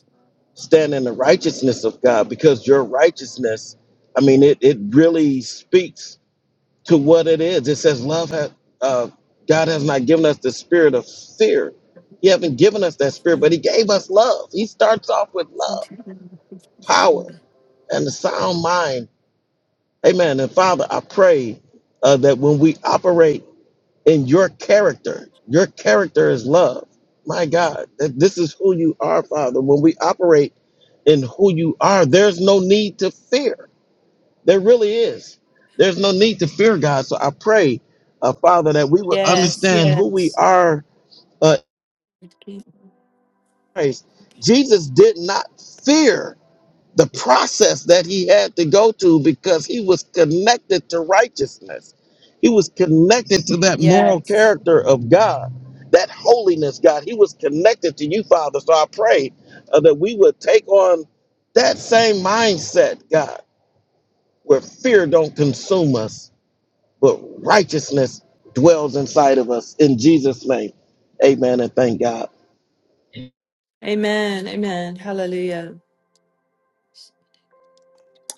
[SPEAKER 3] stand in the righteousness of God because your righteousness, I mean, it, it really speaks to what it is. It says, Love, ha- uh, God has not given us the spirit of fear. He hasn't given us that spirit, but He gave us love. He starts off with love, power, and a sound mind. Amen. And Father, I pray uh, that when we operate in your character. Your character is love. My God, that this is who you are, Father. When we operate in who you are, there's no need to fear. There really is. There's no need to fear, God. So I pray, uh, Father, that we would understand who we are uh, in Christ. Jesus did not fear the process that he had to go to because he was connected to righteousness. He was connected to that moral character of God, that holiness, God. He was connected to you, Father. So I pray uh, that we would take on that same mindset, God, where fear don't consume us, but righteousness dwells inside of us. In Jesus' name, amen and thank God.
[SPEAKER 2] Amen. Amen. Hallelujah.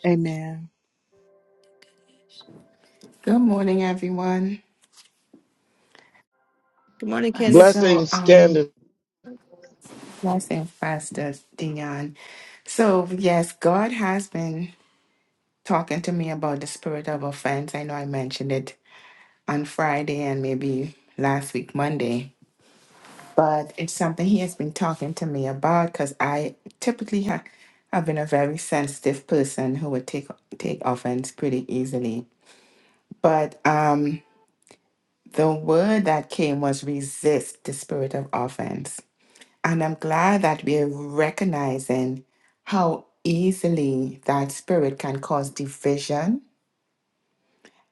[SPEAKER 1] Amen.
[SPEAKER 6] Good morning, everyone.
[SPEAKER 2] Good morning,
[SPEAKER 6] Uh,
[SPEAKER 2] Candace.
[SPEAKER 6] So,
[SPEAKER 3] Blessings,
[SPEAKER 6] um,
[SPEAKER 3] Candace.
[SPEAKER 6] blessing, Pastor Dion. So, yes, God has been talking to me about the spirit of offense. I know I mentioned it on Friday and maybe last week, Monday, but it's something He has been talking to me about because I typically ha- have been a very sensitive person who would take take offense pretty easily. But um, the word that came was resist the spirit of offense. And I'm glad that we're recognizing how easily that spirit can cause division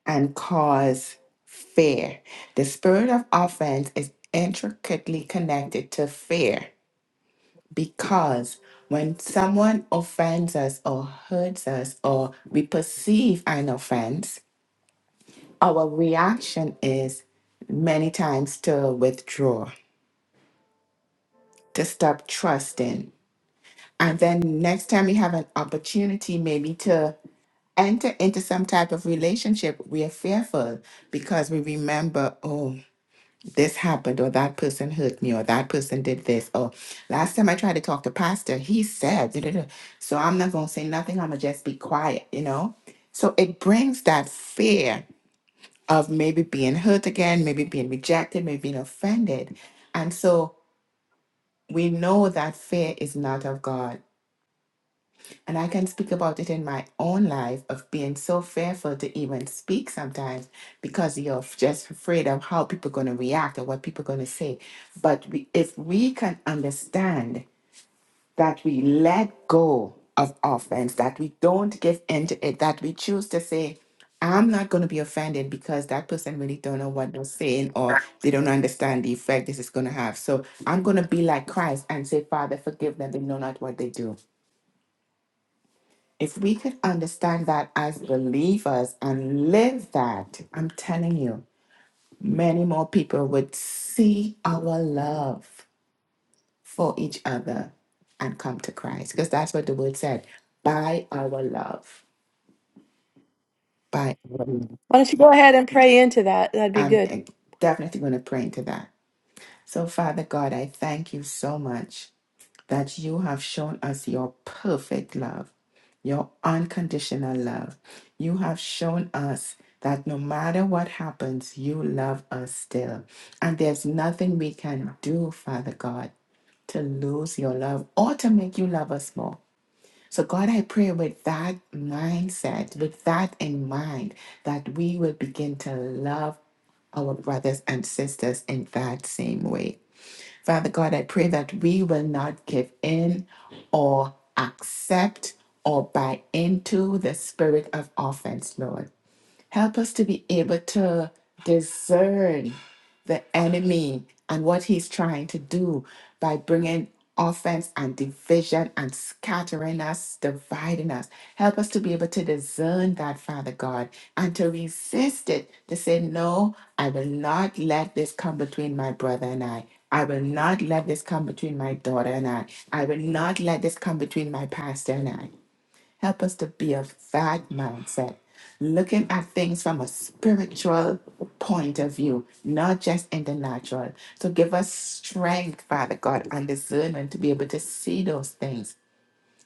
[SPEAKER 6] and cause fear. The spirit of offense is intricately connected to fear because when someone offends us or hurts us or we perceive an offense, our reaction is many times to withdraw, to stop trusting, And then next time you have an opportunity, maybe to enter into some type of relationship, we are fearful because we remember, oh, this happened, or that person hurt me, or that person did this. Or last time I tried to talk to pastor, he said, da, da, da." so I'm not going to say nothing. I'm going to just be quiet, you know? So it brings that fear of maybe being hurt again, maybe being rejected, maybe being offended. And so we know that fear is not of God And I can speak about it in my own life of being so fearful to even speak sometimes because you're f- just afraid of how people going to react or what people going to say. But we, if we can understand that we let go of offense, that we don't give in to it, that we choose to say, I'm not going to be offended because that person really don't know what they're saying or they don't understand the effect this is going to have. So I'm going to be like Christ and say, Father, forgive them. They know not what they do. If we could understand that as believers and live that, I'm telling you, many more people would see our love for each other and come to Christ. Because that's what the word said by our love. By our love.
[SPEAKER 2] Why don't you go ahead and pray into that? That'd be
[SPEAKER 6] I'm
[SPEAKER 2] good.
[SPEAKER 6] eh, definitely going to pray into that. So, Father God, I thank you so much that you have shown us your perfect love, your unconditional love. You have shown us that no matter what happens, you love us still. And there's nothing we can do, Father God, to lose your love or to make you love us more. So, God, I pray with that mindset, with that in mind, that we will begin to love our brothers and sisters in that same way. Father God, I pray that we will not give in or accept or buy into the spirit of offense, Lord. Help us to be able to discern the enemy and what he's trying to do by bringing offense and division and scattering us, dividing us. Help us to be able to discern that, Father God, and to resist it, to say, No, I will not let this come between my brother and I. I will not let this come between my daughter and I. I will not let this come between my pastor and I. Help us to be of that mindset, looking at things from a spiritual point of view, not just in the natural. So give us strength, Father God, and discernment to be able to see those things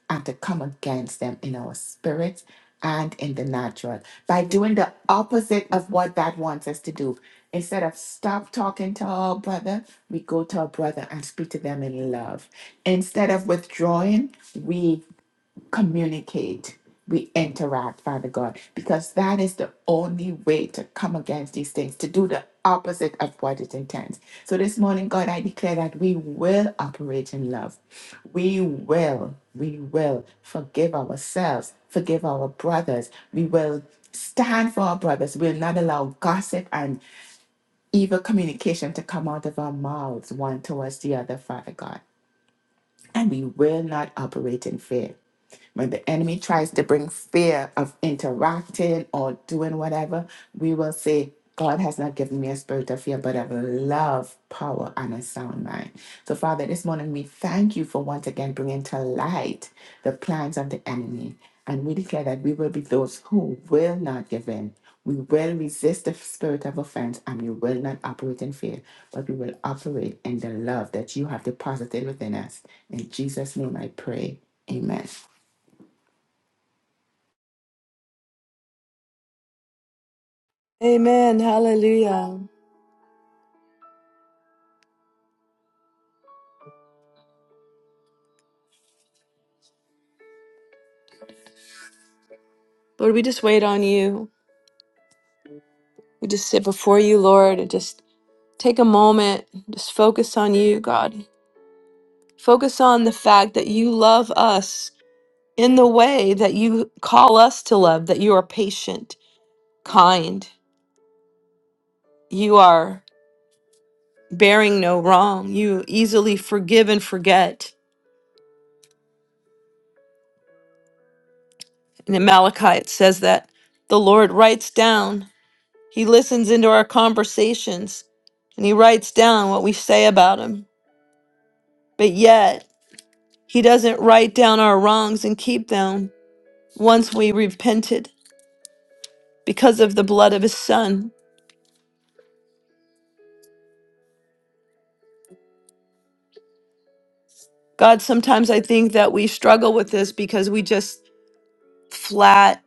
[SPEAKER 6] and to come against them in our spirit and in the natural by doing the opposite of what that wants us to do. Instead of stop talking to our brother, we go to our brother and speak to them in love. Instead of withdrawing, we communicate, we interact, Father God, because that is the only way to come against these things, to do the opposite of what it intends. So this morning, God, I declare that we will operate in love. We will, we will forgive ourselves, forgive our brothers. We will stand for our brothers. We'll not allow gossip and evil communication to come out of our mouths one towards the other, Father God. And we will not operate in fear. When the enemy tries to bring fear of interacting or doing whatever, we will say, God has not given me a spirit of fear, but of love, power, and a sound mind. So, Father, this morning we thank you for once again bringing to light the plans of the enemy. And we declare that we will be those who will not give in. We will resist the spirit of offense and we will not operate in fear, but we will operate in the love that you have deposited within us. In Jesus' name I pray. Amen.
[SPEAKER 2] Amen. Hallelujah. Lord, we just wait on you. We just sit before you, Lord, and just Take a moment, just focus on you, God. Focus on the fact that you love us in the way that you call us to love, that you are patient, kind, you are bearing no wrong, you easily forgive and forget. And in Malachi, it says that the Lord writes down, He listens into our conversations, and He writes down what we say about Him. But yet, He doesn't write down our wrongs and keep them once we repented. because of the blood of his son. God, sometimes I think that we struggle with this because we just flat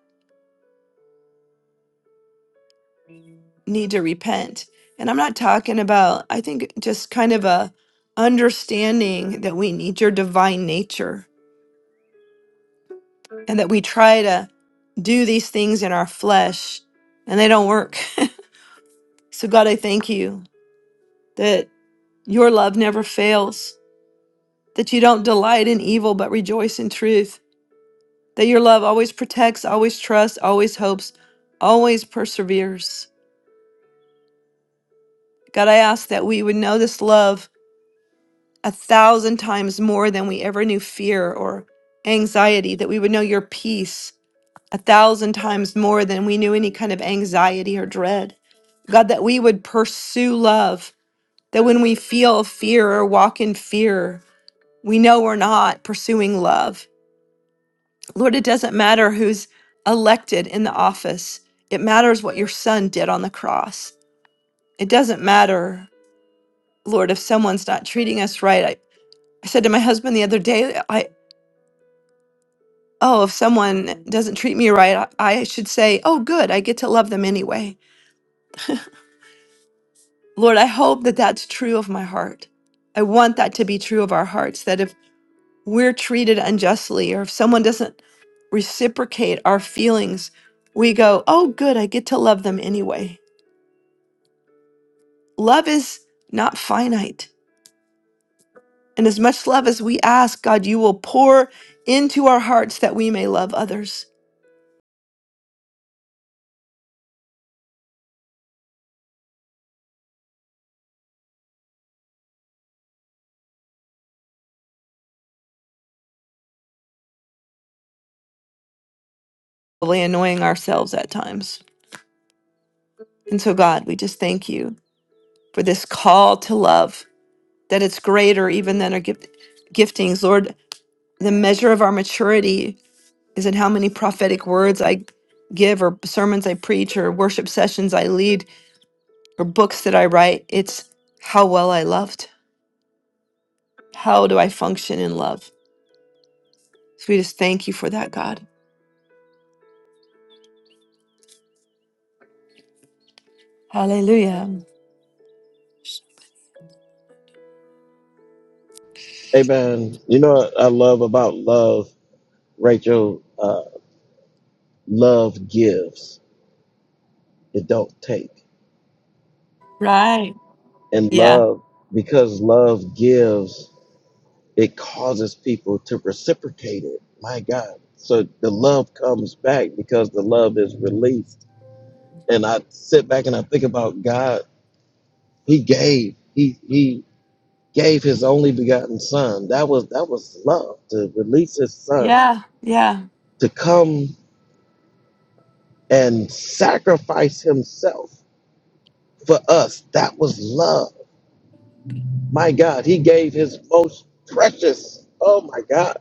[SPEAKER 2] need to repent. And I'm not talking about, I think just kind of a understanding that we need your divine nature and that we try to do these things in our flesh and they don't work. So God, I thank you that your love never fails, that you don't delight in evil but rejoice in truth that your love always protects, always trusts, always hopes, always perseveres. God, I ask that we would know this love a thousand times more than we ever knew fear or anxiety, that we would know your peace a thousand times more than we knew any kind of anxiety or dread. God, that we would pursue love, that when we feel fear or walk in fear, we know we're not pursuing love Lord, it doesn't matter who's elected in the office. It matters what your son did on the cross. It doesn't matter, Lord, if someone's not treating us right. I, I said to my husband the other day, I oh, if someone doesn't treat me right, I, I should say, oh, good, I get to love them anyway. Lord, I hope that that's true of my heart. I want that to be true of our hearts, that if we're treated unjustly or if someone doesn't reciprocate our feelings, we go, oh, good, I get to love them anyway. Love is not finite. And as much love as we ask, God, you will pour into our hearts that we may love others, probably annoying ourselves at times. And so, God, we just thank you for this call to love, that it's greater even than our gift- giftings. Lord, the measure of our maturity is in how many prophetic words I give, or sermons I preach, or worship sessions I lead, or books that I write. It's how well I loved. How do I function in love? So we just thank you for that, God. Hallelujah.
[SPEAKER 3] Amen. You know what I love about love, Rachel? Uh, Love gives, it don't take.
[SPEAKER 2] Right.
[SPEAKER 3] And
[SPEAKER 2] Yeah.
[SPEAKER 3] love, because love gives, it causes people to reciprocate it. My God. So the love comes back because the love is released. And I sit back and I think about God. He gave. He he gave his only begotten son. That was that was love to release his son
[SPEAKER 2] Yeah. Yeah.
[SPEAKER 3] to come and sacrifice himself for us. That was love. My God, he gave his most precious. Oh my God.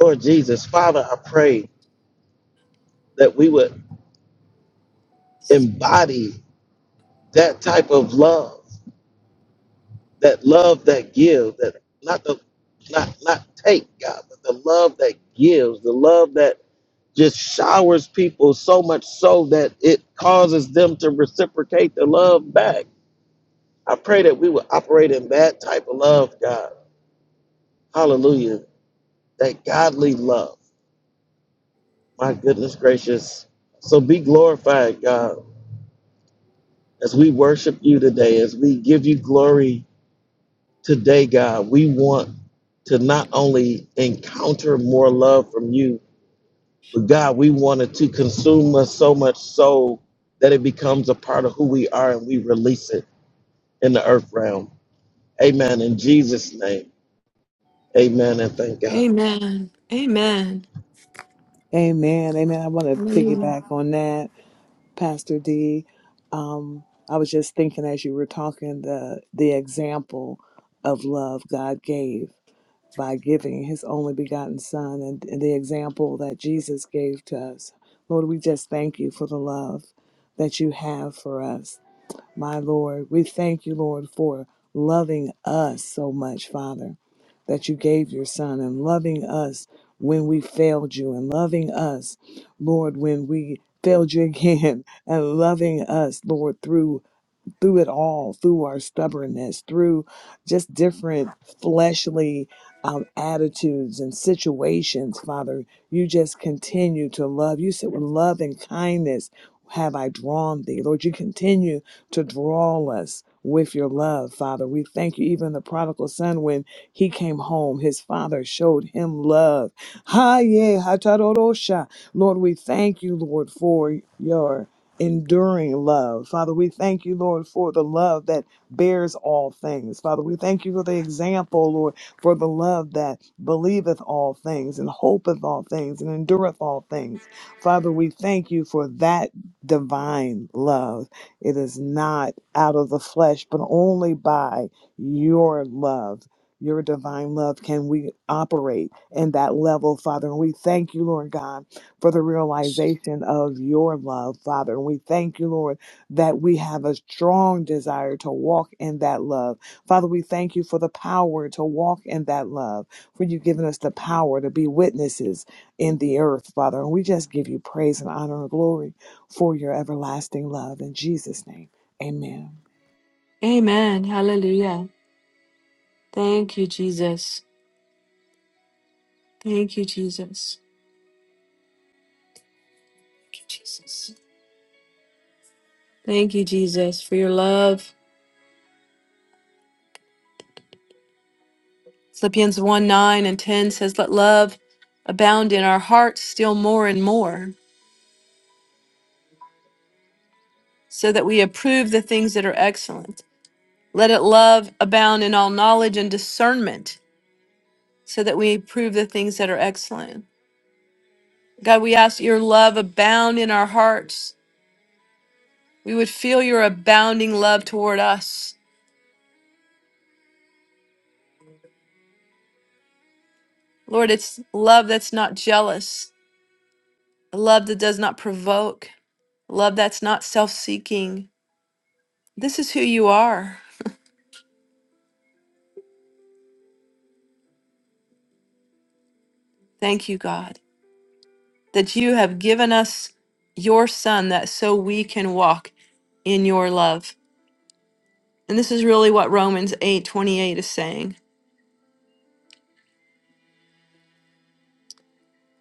[SPEAKER 3] Lord Jesus, Father, I pray that we would embody that type of love, that love that gives, that not the not not take, God, but the love that gives, the love that just showers people so much so that it causes them to reciprocate the love back. I pray that we would operate in that type of love, God. Hallelujah. That godly love My goodness gracious. So be glorified, God, as we worship you today, as we give you glory today, God. We want to not only encounter more love from you, but God, we want it to consume us so much so that it becomes a part of who we are and we release it in the earth realm. Amen. In Jesus' name, amen and thank God.
[SPEAKER 1] Amen. Amen. I want to piggyback on that. Pastor D. Um, I was just thinking as you were talking the the example of love God gave by giving His only begotten Son, and, and the example that Jesus gave to us. Lord, we just thank you for the love that you have for us my Lord, we thank you, Lord, for loving us so much, Father, that you gave your Son and loving us when we failed you and loving us, Lord, when we failed you again and loving us, Lord, through through it all, through our stubbornness, through just different fleshly um, attitudes and situations, Father, you just continue to love. You said, with love and kindness have I drawn thee. Lord, you continue to draw us with your love, Father. We thank you, even the prodigal son, when he came home, his father showed him love. Ha, yeah, ha, ta, ro, ro, sha. Lord, we thank you, Lord, for your enduring love. Father, we thank you, Lord, for the love that bears all things. Father, we thank you for the example, Lord, for the love that believeth all things and hopeth all things and endureth all things. Father, we thank you for that divine love. It is not out of the flesh, but only by your love. Your divine love can we operate in that level, Father. And we thank you, Lord God for the realization of your love, Father. And we thank you, Lord, that we have a strong desire to walk in that love. Father, we thank you for the power to walk in that love, for you've given us the power to be witnesses in the earth, Father. And we just give you praise and honor and glory for your everlasting love. In Jesus' name, amen.
[SPEAKER 2] Jesus. Thank you, Jesus, for your love. Philippians 1 9 and 10 says, Let love abound in our hearts still more and more, so that we approve the things that are excellent. Let it love abound in all knowledge and discernment, so that we approve the things that are excellent. God, we ask your love abound in our hearts. We would feel your abounding love toward us Lord, it's love that's not jealous, love that does not provoke, love that's not self seeking. This is who you are. Thank you, God, that you have given us your Son that so we can walk in your love. And this is really what Romans eight twenty eight is saying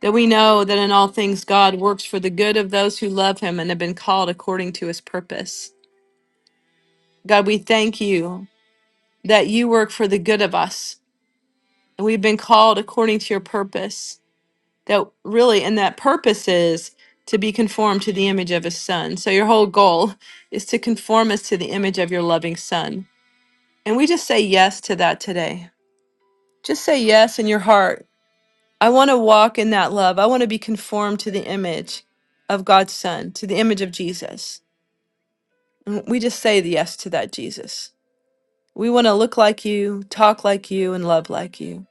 [SPEAKER 2] that we know that in all things God works for the good of those who love him and have been called according to his purpose. God, we thank you that you work for the good of us and we've been called according to your purpose. that really and that purpose is to be conformed to the image of his son so your whole goal is to conform us to the image of your loving son and we just say yes to that today just say yes in your heart i want to walk in that love i want to be conformed to the image of god's son to the image of jesus and we just say the yes to that jesus we want to look like you talk like you and love like you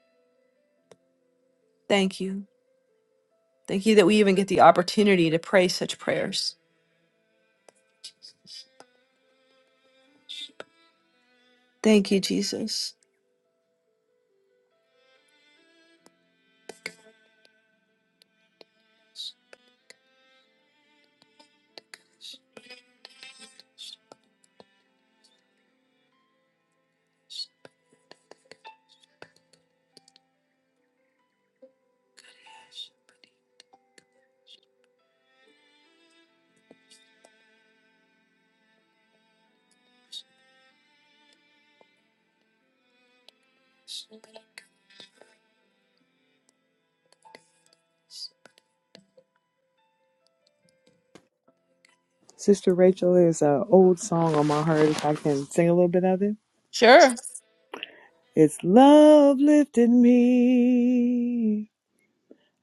[SPEAKER 2] thank you thank you that we even get the opportunity to pray such prayers thank you jesus
[SPEAKER 1] Sister Rachel, there's an old song on my heart. If I can sing a little bit of it,
[SPEAKER 2] Sure.
[SPEAKER 1] it's Love Lifted Me.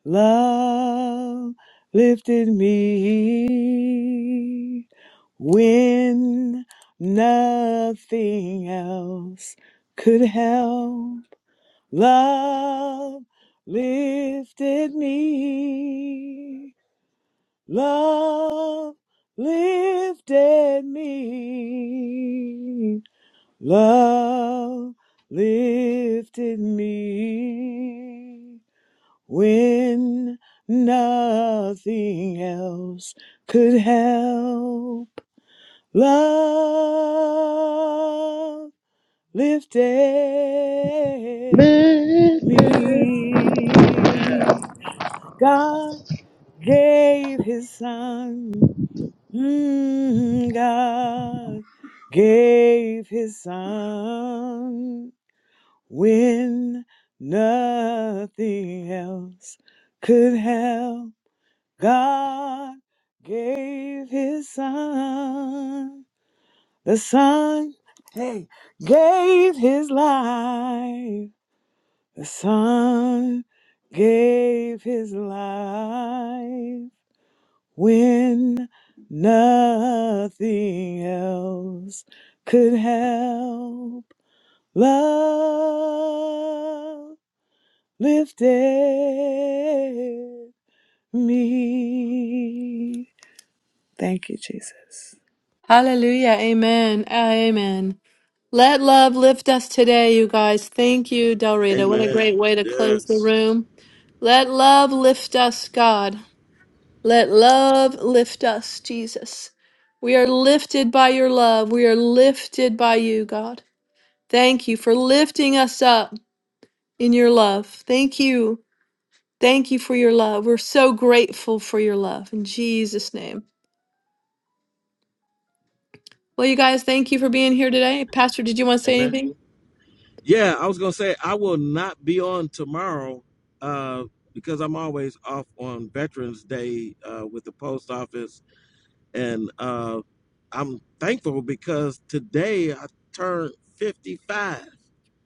[SPEAKER 1] Love lifted me when nothing else could help. Love lifted me. Love lifted me. Love lifted me when nothing else could help. Love lifted
[SPEAKER 3] Amen.
[SPEAKER 1] me. God gave his son. Mm, God gave his son when nothing else could help. God gave his son. The son, hey, gave his life. The son gave his life when nothing else could help. Love lifted me. Thank you, Jesus.
[SPEAKER 2] Hallelujah. Amen. Ah, Amen. Let love lift us today, you guys. Thank you, Del Rita. What a
[SPEAKER 3] Amen.
[SPEAKER 2] great way to close the
[SPEAKER 3] Yes.
[SPEAKER 2] room. Let love lift us, God. Let love lift us, Jesus. We are lifted by your love. We are lifted by you, God. Thank you for lifting us up in your love. Thank you. Thank you for your love. We're so grateful for your love. In Jesus' name. Well, you guys, thank you for being here today. Pastor, did you want to say
[SPEAKER 3] Amen.
[SPEAKER 2] anything?
[SPEAKER 3] Yeah, I was gonna say I will not be on tomorrow uh, because I'm always off on Veterans Day uh, with the post office, and uh, I'm thankful because today I turned 55.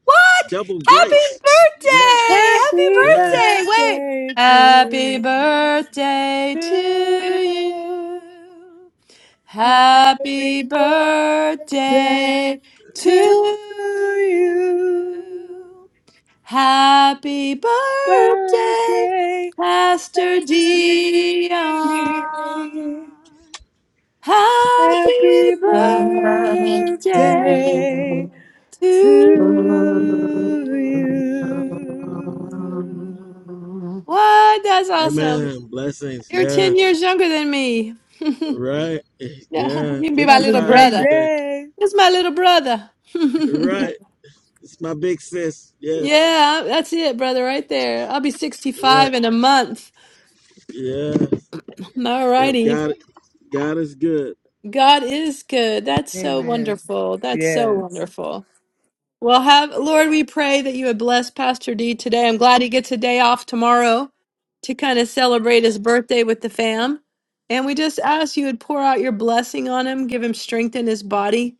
[SPEAKER 2] What?
[SPEAKER 3] Double
[SPEAKER 2] Happy
[SPEAKER 3] grace. Yes,
[SPEAKER 2] birthday! Happy
[SPEAKER 1] Happy
[SPEAKER 2] birthday!
[SPEAKER 3] yes.
[SPEAKER 2] Wait.
[SPEAKER 1] birthday
[SPEAKER 2] Happy
[SPEAKER 1] to,
[SPEAKER 2] birthday
[SPEAKER 1] to
[SPEAKER 2] to you.
[SPEAKER 1] you. Happy
[SPEAKER 2] Happy
[SPEAKER 1] birthday
[SPEAKER 2] birthday to
[SPEAKER 1] to you.
[SPEAKER 2] you. Happy birthday,
[SPEAKER 1] Birthday,
[SPEAKER 2] Pastor
[SPEAKER 1] Pastor D.
[SPEAKER 2] Dion. Happy
[SPEAKER 1] Happy
[SPEAKER 6] Thank
[SPEAKER 2] birthday
[SPEAKER 6] you.
[SPEAKER 1] birthday
[SPEAKER 2] to
[SPEAKER 1] to you.
[SPEAKER 2] you. What? That's awesome.
[SPEAKER 3] Amen. Blessings.
[SPEAKER 2] You're 10
[SPEAKER 3] Yes.
[SPEAKER 2] years younger than me.
[SPEAKER 3] Right.
[SPEAKER 2] yeah, you
[SPEAKER 3] Yeah.
[SPEAKER 2] can be my
[SPEAKER 1] Have a
[SPEAKER 2] little
[SPEAKER 3] 55
[SPEAKER 1] great
[SPEAKER 2] brother.
[SPEAKER 3] today.
[SPEAKER 1] day.
[SPEAKER 2] That's my little brother.
[SPEAKER 3] Right. It's my big sis. Yes.
[SPEAKER 2] yeah, that's it, brother, right there. I'll be
[SPEAKER 3] Right.
[SPEAKER 2] 65 in a month.
[SPEAKER 3] Yes.
[SPEAKER 2] All
[SPEAKER 3] Yep.
[SPEAKER 2] righty.
[SPEAKER 3] God. God is good.
[SPEAKER 2] God is good. That's so
[SPEAKER 1] Amen.
[SPEAKER 2] wonderful. That's so
[SPEAKER 1] Yeah.
[SPEAKER 2] wonderful. Well, have Lord, we pray that you would bless Pastor D today. I'm glad he gets a day off tomorrow to kind of celebrate his birthday with the fam. And we just ask you would pour out your blessing on him, give him strength in his body.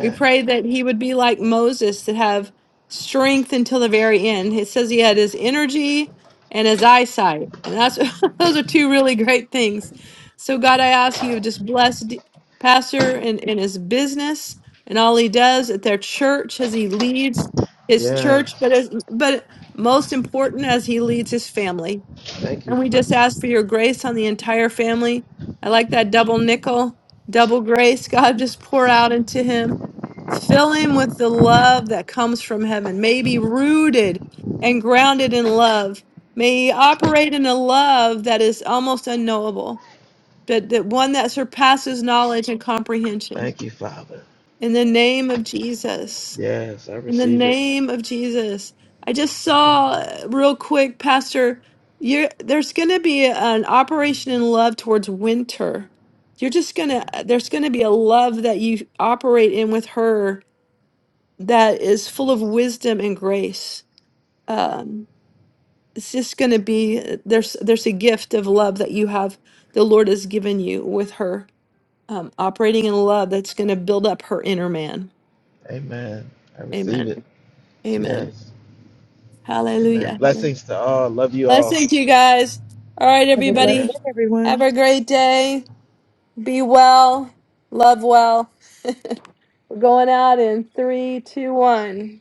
[SPEAKER 2] We pray that he would be like Moses to have strength until the very end. It says he had his energy and his eyesight. And that's those are two really great things. So God, I ask you to just bless D- Pastor and, and his business and all he does at their church as he leads his church, but
[SPEAKER 3] Yes.
[SPEAKER 2] as but most important as he leads his family.
[SPEAKER 3] Thank you,
[SPEAKER 2] And we just
[SPEAKER 3] Father.
[SPEAKER 2] ask for your grace on the entire family. I like that double nickel, double grace. God, just pour out into him. Fill him with the love that comes from heaven. May he be rooted and grounded in love. May he operate in a love that is almost unknowable, that, that one that surpasses knowledge and comprehension.
[SPEAKER 3] Thank you, Father.
[SPEAKER 2] In the name of Jesus.
[SPEAKER 3] Yes, I
[SPEAKER 2] In the
[SPEAKER 3] receive it.
[SPEAKER 2] name of Jesus, I just saw uh, real quick, Pastor. You're there's going to be an operation in love towards winter. You're just gonna there's going to be a love that you operate in with her that is full of wisdom and grace. Um, it's just going to be there's there's a gift of love that you have the Lord has given you with her um, operating in love that's going to build up her inner man.
[SPEAKER 3] Amen. I receive
[SPEAKER 2] Amen.
[SPEAKER 3] it.
[SPEAKER 2] Amen.
[SPEAKER 3] Yes. Amen.
[SPEAKER 2] Hallelujah. Hallelujah.
[SPEAKER 3] Blessings to all. Love you all.
[SPEAKER 2] Blessings, you guys. All right,
[SPEAKER 1] Have a blessed
[SPEAKER 2] everybody.
[SPEAKER 3] Amen.
[SPEAKER 1] day,
[SPEAKER 2] Have
[SPEAKER 1] everyone.
[SPEAKER 2] a great day. Be well. Love well. We're going out in three, two, one.